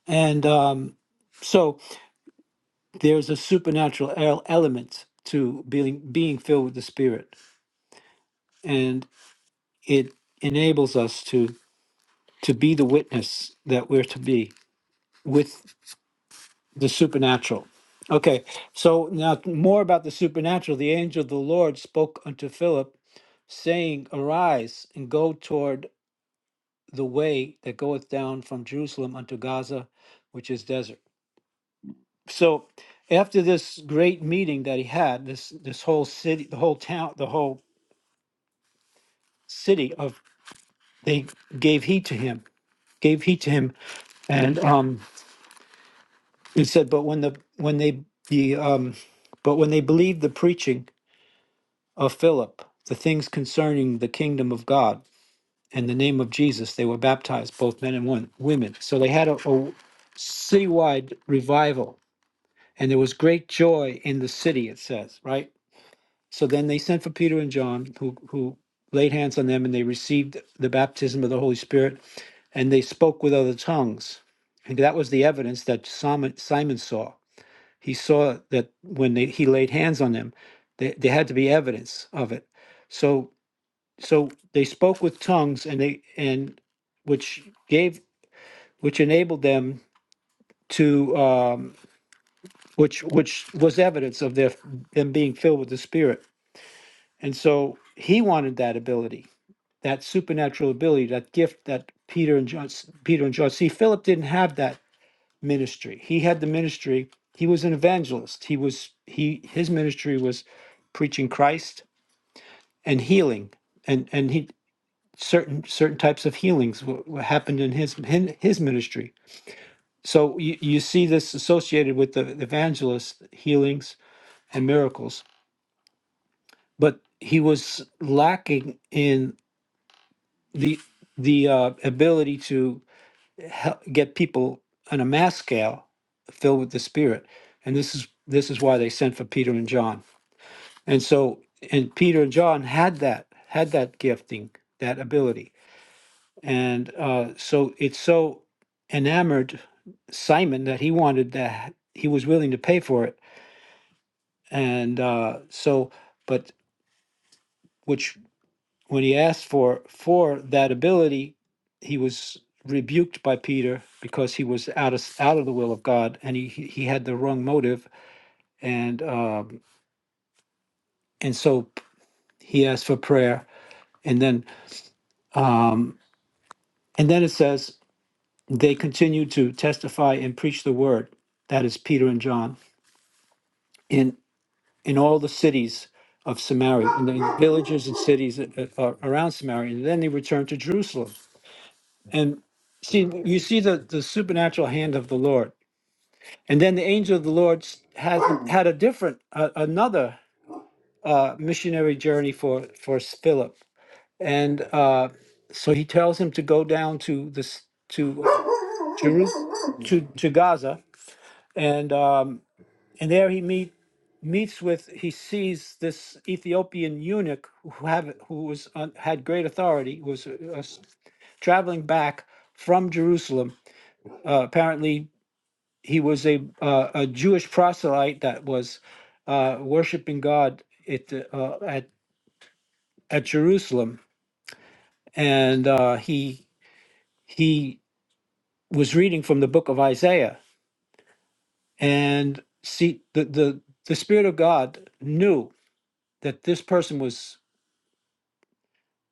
[SPEAKER 2] and um so there's a supernatural el- element to being being filled with the spirit and it enables us to to be the witness that we're to be with the supernatural. Okay, so now more about the supernatural. The angel of the Lord spoke unto Philip, saying, Arise and go toward the way that goeth down from Jerusalem unto Gaza, which is desert. So after this great meeting that he had, this this whole city, the whole town, the whole city of they gave heed to him, gave heed to him, and um, he said, but when the when they the um, but when they believed the preaching of Philip the things concerning the kingdom of God. and the name of Jesus, they were baptized, both men and won- women. So they had a, a citywide revival, and there was great joy in the city, it says, right? So then they sent for Peter and John, who, who laid hands on them, and they received the baptism of the Holy Spirit, and they spoke with other tongues. And that was the evidence that Simon, Simon saw. He saw that when they, he laid hands on them, there, there had to be evidence of it. So so they spoke with tongues and they and which gave which enabled them to um which which was evidence of their them being filled with the spirit and so he wanted that ability that supernatural ability that gift that peter and john peter and john see philip didn't have that ministry he had the ministry he was an evangelist he was he his ministry was preaching christ and healing and and he certain certain types of healings what, what happened in his hin- his ministry so you, you see this associated with the evangelist healings and miracles but he was lacking in the the uh, ability to hel get people on a mass scale filled with the spirit and this is this is why they sent for peter and john and so and peter and john had that had that gifting that ability And uh, so it's so enamored Simon that he wanted that he was willing to pay for it. And uh, so, but which when he asked for for that ability, he was rebuked by Peter because he was out of out of the will of God, and he he he had the wrong motive. And um, and so he asked for prayer, and then and then it says they continued to testify and preach the word. That is Peter and John. in. in all the cities of Samaria, in the villages and cities a- a- around Samaria, and then they returned to Jerusalem. And see, you see the, the supernatural hand of the Lord. And then the angel of the Lord s- had had a different, uh, another uh, missionary journey for for Philip, and uh, so he tells him to go down to this to Jerusalem to to Gaza, and um, and there he meet meets with he sees this Ethiopian eunuch who have who was on, had great authority was uh, uh, traveling back from Jerusalem. Uh, apparently, he was a uh, a Jewish proselyte that was uh, worshiping God at the- uh, at at Jerusalem, and uh, he he was reading from the book of Isaiah, and see the the the Spirit of God knew that this person was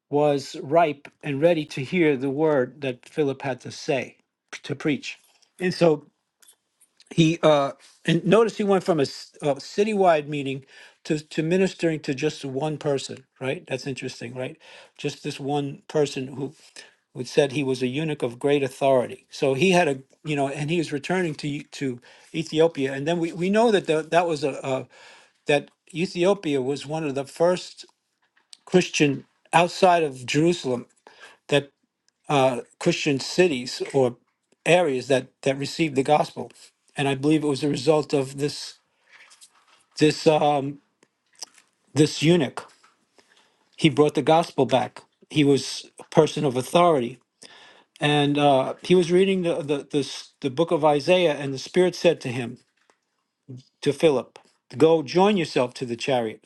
[SPEAKER 2] was ripe and ready to hear the word that Philip had to say, to preach. And so he, uh, and notice he went from a, s- a citywide meeting to, to ministering to just one person, right? That's interesting, right? Just this one person who, who said he was a eunuch of great authority. So he had a, you know, and he was returning to Eu- to Ethiopia. And then we, we know that the, that was a, a that Ethiopia was one of the first Christian outside of Jerusalem that uh, Christian cities or areas that that received the gospel, and I believe it was a result of this this um, this eunuch. He brought the gospel back. He was a person of authority, and uh, he was reading the the, the s- the book of Isaiah, and the Spirit said to him to Philip, "Go join yourself to the chariot."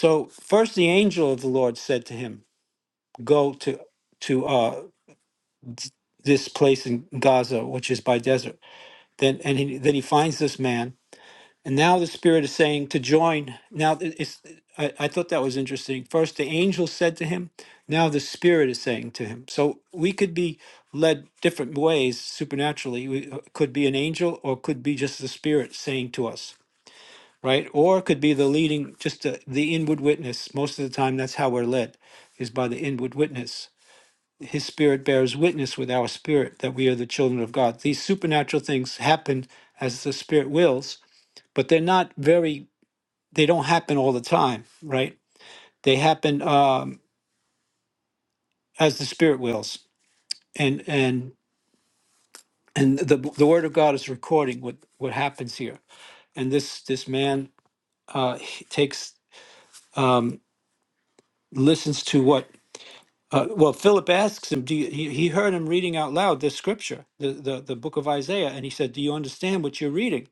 [SPEAKER 2] So first, the angel of the Lord said to him, "Go to to uh, this place in Gaza, which is by desert." Then and he, then he finds this man And now the Spirit is saying to join. Now, th- it's, I, I thought that was interesting. First, the angel said to him, now the Spirit is saying to him. So we could be led different ways supernaturally. We uh, could be an angel or could be just the Spirit saying to us, right? Or it could be the leading, just the, the inward witness. Most of the time, that's how we're led, is by the inward witness. His Spirit bears witness with our spirit that we are the children of God. These supernatural things happen as the Spirit wills but they're not very they don't happen all the time, right? They happen um, as the spirit wills, and and and the the word of God is recording what what happens here. And this this man uh, he takes um, listens to what. Uh, well, Philip asks him. Do you, he, he heard him reading out loud this scripture, the, the the book of Isaiah, and he said, "Do you understand what you're reading?"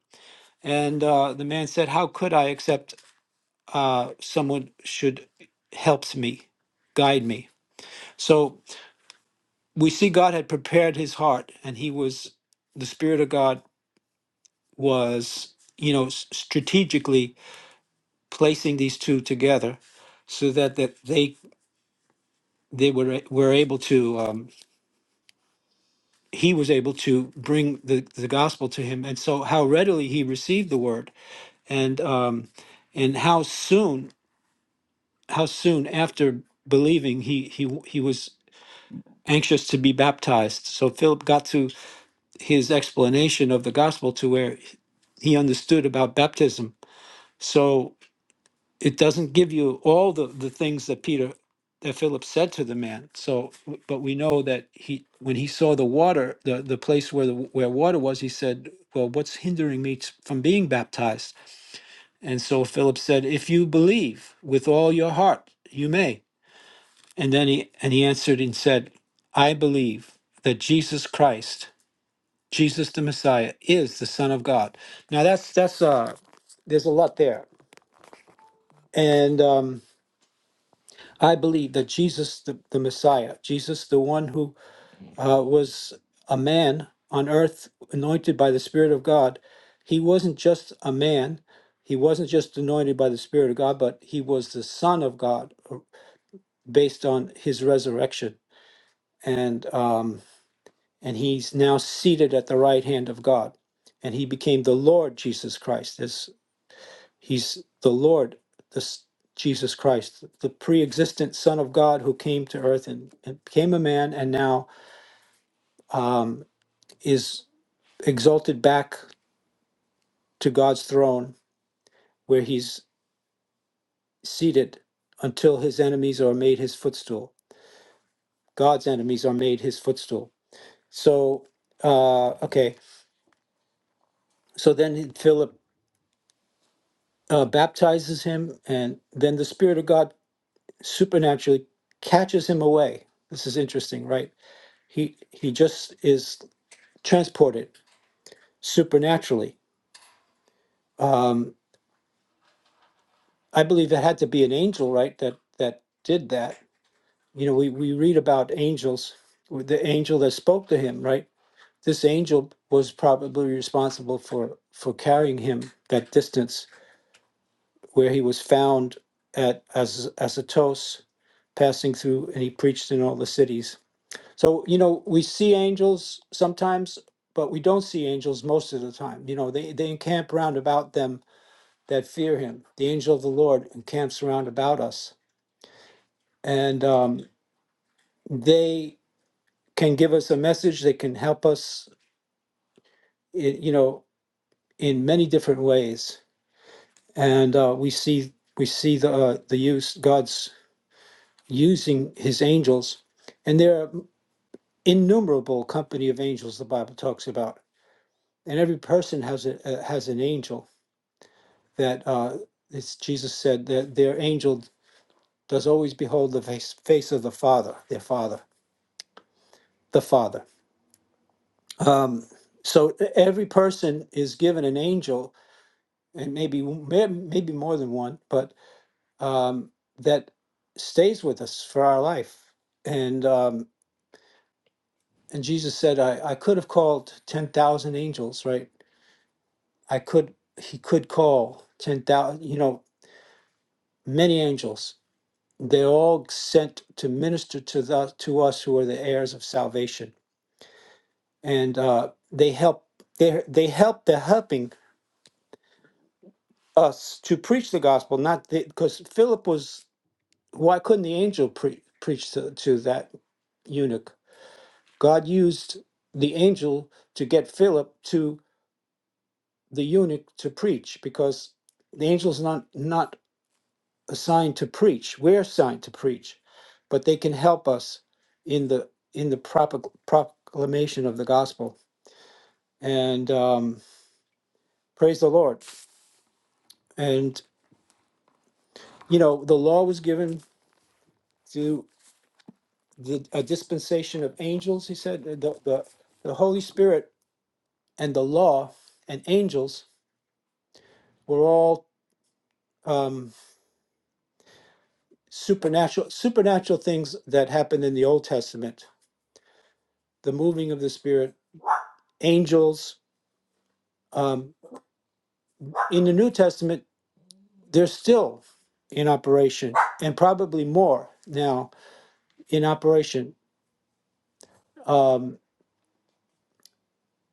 [SPEAKER 2] And uh, the man said, "How could I except uh, someone should helps me, guide me?" So we see God had prepared his heart, and he was the Spirit of God was, you know, s- strategically placing these two together, so that that they they were a- were able to um, he was able to bring the the gospel to him, and so how readily he received the word, and um, and how soon how soon after believing he he w- he was anxious to be baptized so philip got to his explanation of the gospel to where he understood about baptism. So it doesn't give you all the, the things that Peter that Philip said to the man. So but we know that he when he saw the water, the, the place where the where water was, he said, Well, what's hindering me t- from being baptized? And so Philip said, If you believe with all your heart, you may. And then he and he answered and said, I believe that Jesus Christ, Jesus the Messiah, is the Son of God. Now that's that's uh there's a lot there. And um, I believe that Jesus, the, the Messiah, Jesus, the one who uh, was a man on earth, anointed by the Spirit of God, he wasn't just a man. He wasn't just anointed by the Spirit of God, but he was the Son of God uh, based on his resurrection. And, um, and he's now seated at the right hand of God. And he became the Lord Jesus Christ. He's the Lord, the Jesus Christ, the pre-existent Son of God who came to earth and, and became a man, and now um, is exalted back to God's throne, where he's seated until his enemies are made his footstool. God's enemies are made his footstool. So, uh, okay. So then Philip uh, baptizes him, and then the Spirit of God supernaturally catches him away. This is interesting, right? he he just is transported supernaturally um i believe it had to be an angel right that that did that you know we we read about angels the angel that spoke to him right this angel was probably responsible for for carrying him that distance where he was found at as as a toast passing through and he preached in all the cities So, you know, we see angels sometimes, but we don't see angels most of the time. You know, they, they encamp round about them that fear him. The angel of the Lord encamps round about us. And um, they can give us a message. They can help us, i- you know, in many different ways. And uh, we see we see the uh, the use God's using His angels, and there are innumerable company of angels the Bible talks about, and every person has a uh, has an angel that uh, it's Jesus said that their angel does always behold the face, face of the Father, their Father, the Father. Um, so e- every person is given an angel, and maybe maybe more than one, but um, that stays with us for our life. And um, and Jesus said, I, I could have called ten thousand angels, right? I could he could call ten thousand, you know, many angels, they're all sent to minister to the to us who are the heirs of salvation and uh, they help they they help they're helping us to preach the gospel not because philip was why couldn't the angel pre- preach to, to that eunuch god used the angel to get philip to the eunuch to preach because the angel's not not assigned to preach. We're assigned to preach, but they can help us in the in the propa- proclamation of the gospel. And um, praise the Lord. And you know, the law was given to the, a dispensation of angels. He said the, the the Holy Spirit and the law and angels were all um, supernatural supernatural things that happened in the Old Testament. The moving of the Spirit, angels. Um, in the New Testament, They're still in operation and probably more now in operation, um,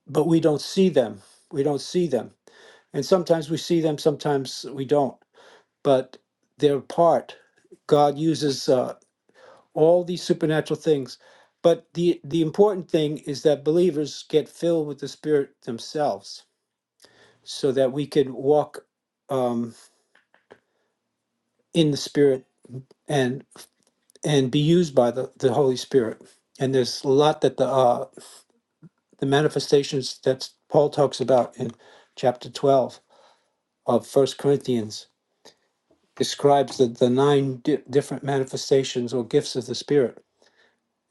[SPEAKER 2] but we don't see them. We don't see them. And sometimes we see them, sometimes we don't. But they're part. God uses uh, all these supernatural things. But the, the important thing is that believers get filled with the Spirit themselves so that we could walk um, in the Spirit and and be used by the, the Holy Spirit. And there's a lot that the uh, the manifestations that Paul talks about in chapter 12 of First Corinthians describes the, the nine di- different manifestations or gifts of the Spirit.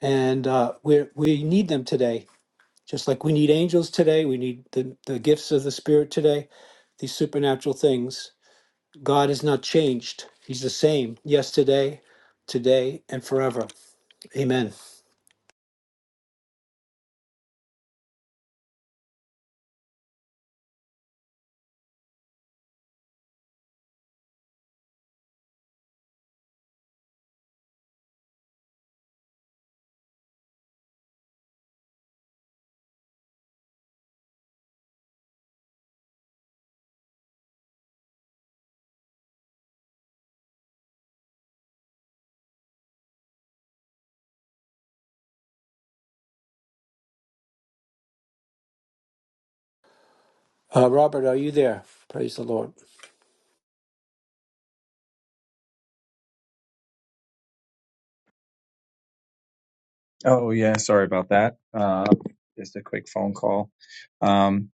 [SPEAKER 2] And uh, we we need them today, just like we need angels today. We need the, the gifts of the Spirit today, these supernatural things. God is not changed, He's the same yesterday, today, and forever. Amen. Uh, Robert, are you there? Praise the Lord.
[SPEAKER 1] Oh yeah, sorry about that. Uh, just a quick phone call. Um,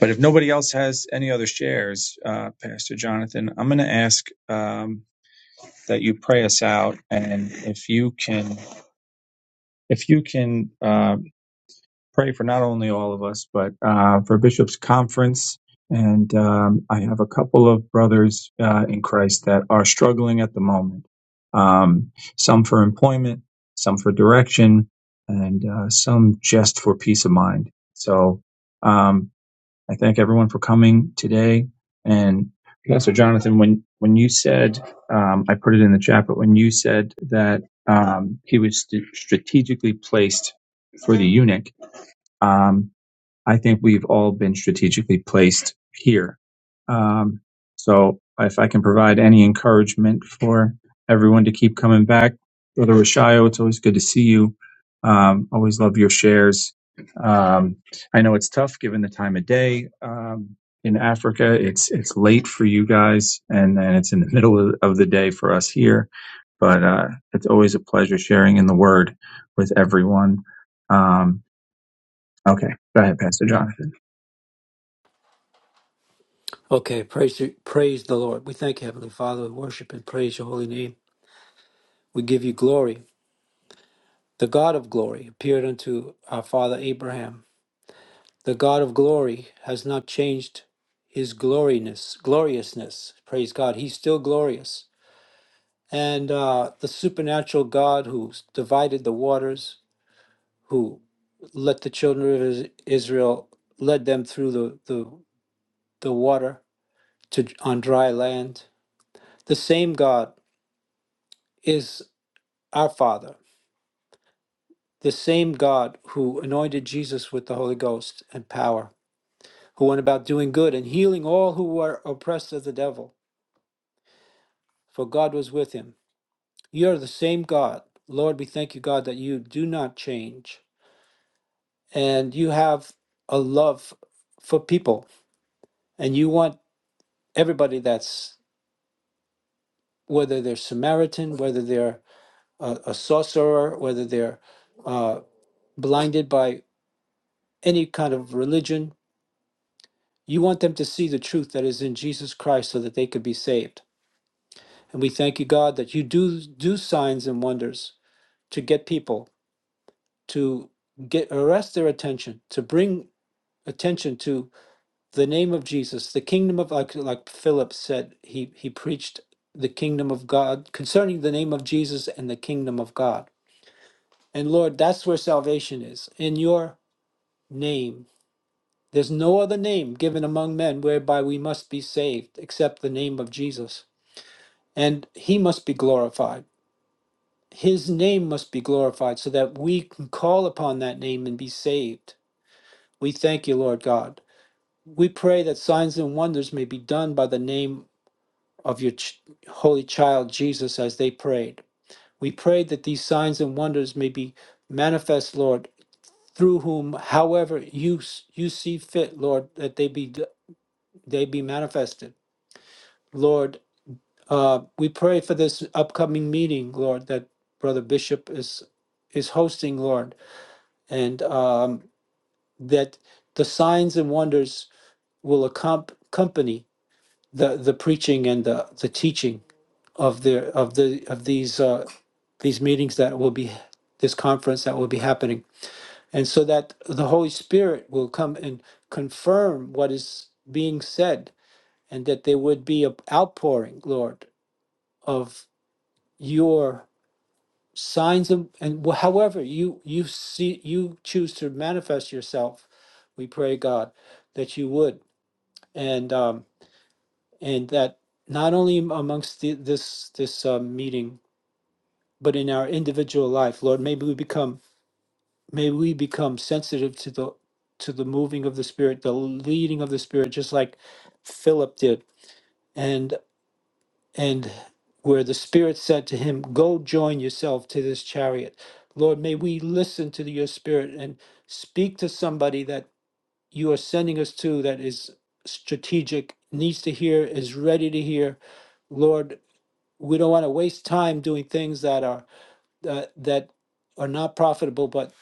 [SPEAKER 1] but if nobody else has any other shares, uh, Pastor Jonathan, I'm going to ask um, that you pray us out, and if you can. if you can uh, pray for not only all of us, but uh, for Bishop's Conference. And um, I have a couple of brothers uh, in Christ that are struggling at the moment, um, some for employment, some for direction, and uh, some just for peace of mind. So, um, I thank everyone for coming today. And Pastor Jonathan, when when you said, um, I put it in the chat, but when you said that um, he was st- strategically placed for the eunuch, um, I think we've all been strategically placed here. Um, so if I can provide any encouragement for everyone to keep coming back, Brother Rashayo, it's always good to see you. Um, always love your shares. Um, I know it's tough given the time of day. Um, in Africa, it's it's late for you guys, and then it's in the middle of, of the day for us here. But uh, it's always a pleasure sharing in the Word with everyone. Um, okay, go ahead, Pastor John.
[SPEAKER 2] Okay, praise you, praise the Lord. We thank you, Heavenly Father. We worship and praise your holy name. We give you glory. The God of glory appeared unto our father Abraham. The God of glory has not changed his gloriness, gloriousness. Praise God. He's still glorious. And uh, the supernatural God who divided the waters, who let the children of Is- Israel led them through the, the, the water to on dry land. The same God is Our Father, the same God who anointed Jesus with the Holy Ghost and power, who went about doing good and healing all who were oppressed of the devil, for God was with him. You're the same God. Lord, we thank you, God, that you do not change and you have a love for people and you want everybody that's, whether they're Samaritan, whether they're a, a sorcerer, whether they're uh, blinded by any kind of religion, You want them to see the truth that is in Jesus Christ so that they could be saved. And we thank you, God, that you do do signs and wonders to get people to get arrest their attention, to bring attention to the name of Jesus, the kingdom of like, like Philip said, he he preached the kingdom of God concerning the name of Jesus and the kingdom of God. And Lord, that's where salvation is in your name. There's no other name given among men whereby we must be saved except the name of Jesus. and he must be glorified. His name must be glorified so that we can call upon that name and be saved. We thank you, Lord God. We pray that signs and wonders may be done by the name of your ch- holy child Jesus as they prayed. We pray that these signs and wonders may be manifest, Lord, through whom, however you you see fit, Lord, that they be they be manifested, Lord. Uh, we pray for this upcoming meeting, Lord, that Brother Bishop is is hosting, Lord, and um, that the signs and wonders will accom- accompany the, the preaching and the, the teaching of the of the of these uh, these meetings that will be this conference that will be happening, and so that the Holy Spirit will come and confirm what is being said, and that there would be an outpouring, Lord, of your signs of and wh- however you you see you choose to manifest yourself we pray god that you would and um and that not only am- amongst the, this this uh, meeting but in our individual life lord maybe we become may we become sensitive to the to the moving of the spirit the leading of the spirit just like philip did and where the Spirit said to him, Go join yourself to this chariot. Lord, may we listen to your Spirit and speak to somebody that you are sending us to that is strategic, needs to hear, is ready to hear. Lord, we don't want to waste time doing things that are uh, that are not profitable, but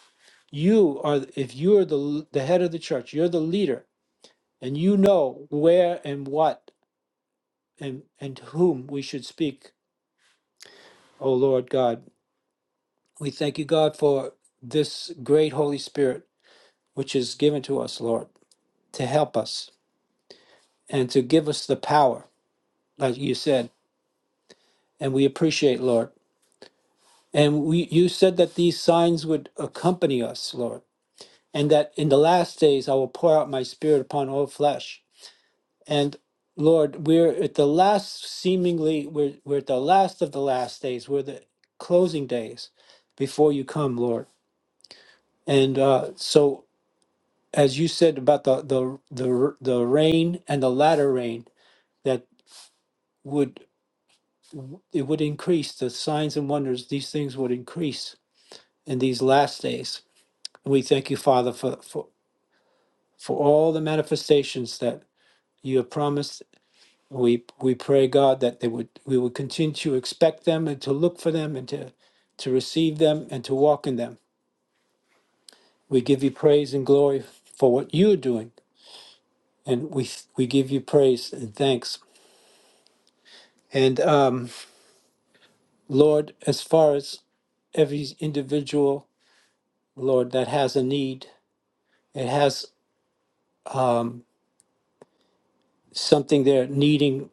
[SPEAKER 2] you are if you're the the head of the church, you're the leader, and you know where and what and and to whom we should speak, O Lord God. We thank you, God, for this great Holy Spirit which is given to us, Lord, to help us and to give us the power, like you said. And we appreciate, Lord. And we, you said that these signs would accompany us, Lord, and that in the last days I will pour out my spirit upon all flesh. And Lord, we're at the last, seemingly, we're, we're at the last of the last days. We're the closing days before you come, Lord. And uh, so as you said about the the the the rain and the latter rain that would it would increase the signs and wonders these things would increase in these last days we thank you father for for for all the manifestations that you have promised we we pray god that they would we would continue to expect them and to look for them and to to receive them and to walk in them we give you praise and glory for what you are doing and we we give you praise and thanks and um Lord, as far as every individual, Lord, that has a need, it has um, something they're needing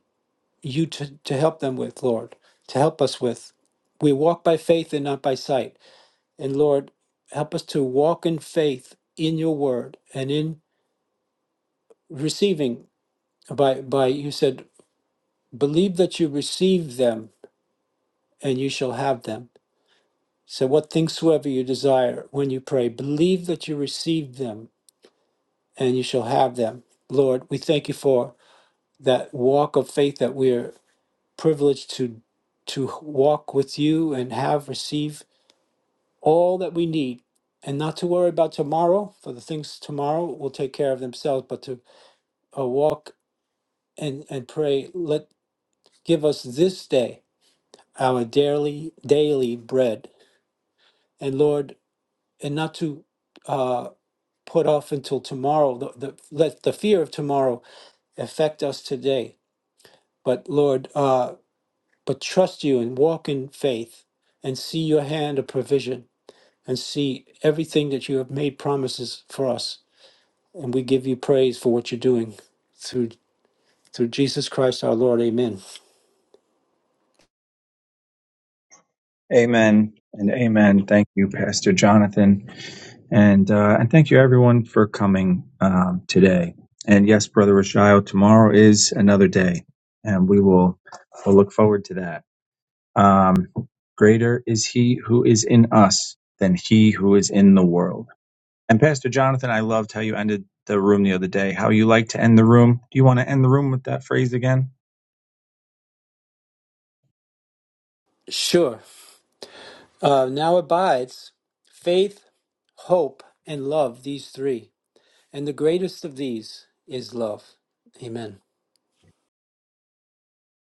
[SPEAKER 2] you to, to help them with, Lord, to help us with. We walk by faith and not by sight. And Lord, help us to walk in faith in your word and in receiving by by you said, believe that you receive them and you shall have them. So what things soever you desire when you pray, believe that you receive them and you shall have them. Lord, we thank you for that walk of faith that we are privileged to to walk with you and have receive all that we need and not to worry about tomorrow for the things tomorrow will take care of themselves but to uh, walk and and pray let give us this day our daily daily bread and lord and not to uh put off until tomorrow the, the, let the fear of tomorrow affect us today but Lord, uh, but trust you and walk in faith and see your hand of provision and see everything that you have made promises for us. And we give you praise for what you're doing through through Jesus Christ our Lord. Amen.
[SPEAKER 1] Amen and amen. Thank you, Pastor Jonathan, and uh, and thank you everyone for coming um, today. And yes, Brother Rashael, tomorrow is another day, and we will we'll look forward to that. Um, Greater is He who is in us than He who is in the world. And Pastor Jonathan, I loved how you ended the room the other day. How you like to end the room? Do you want to end the room with that phrase again?
[SPEAKER 2] Sure. Uh, now abides faith, hope, and love, these three. And the greatest of these is love. Amen.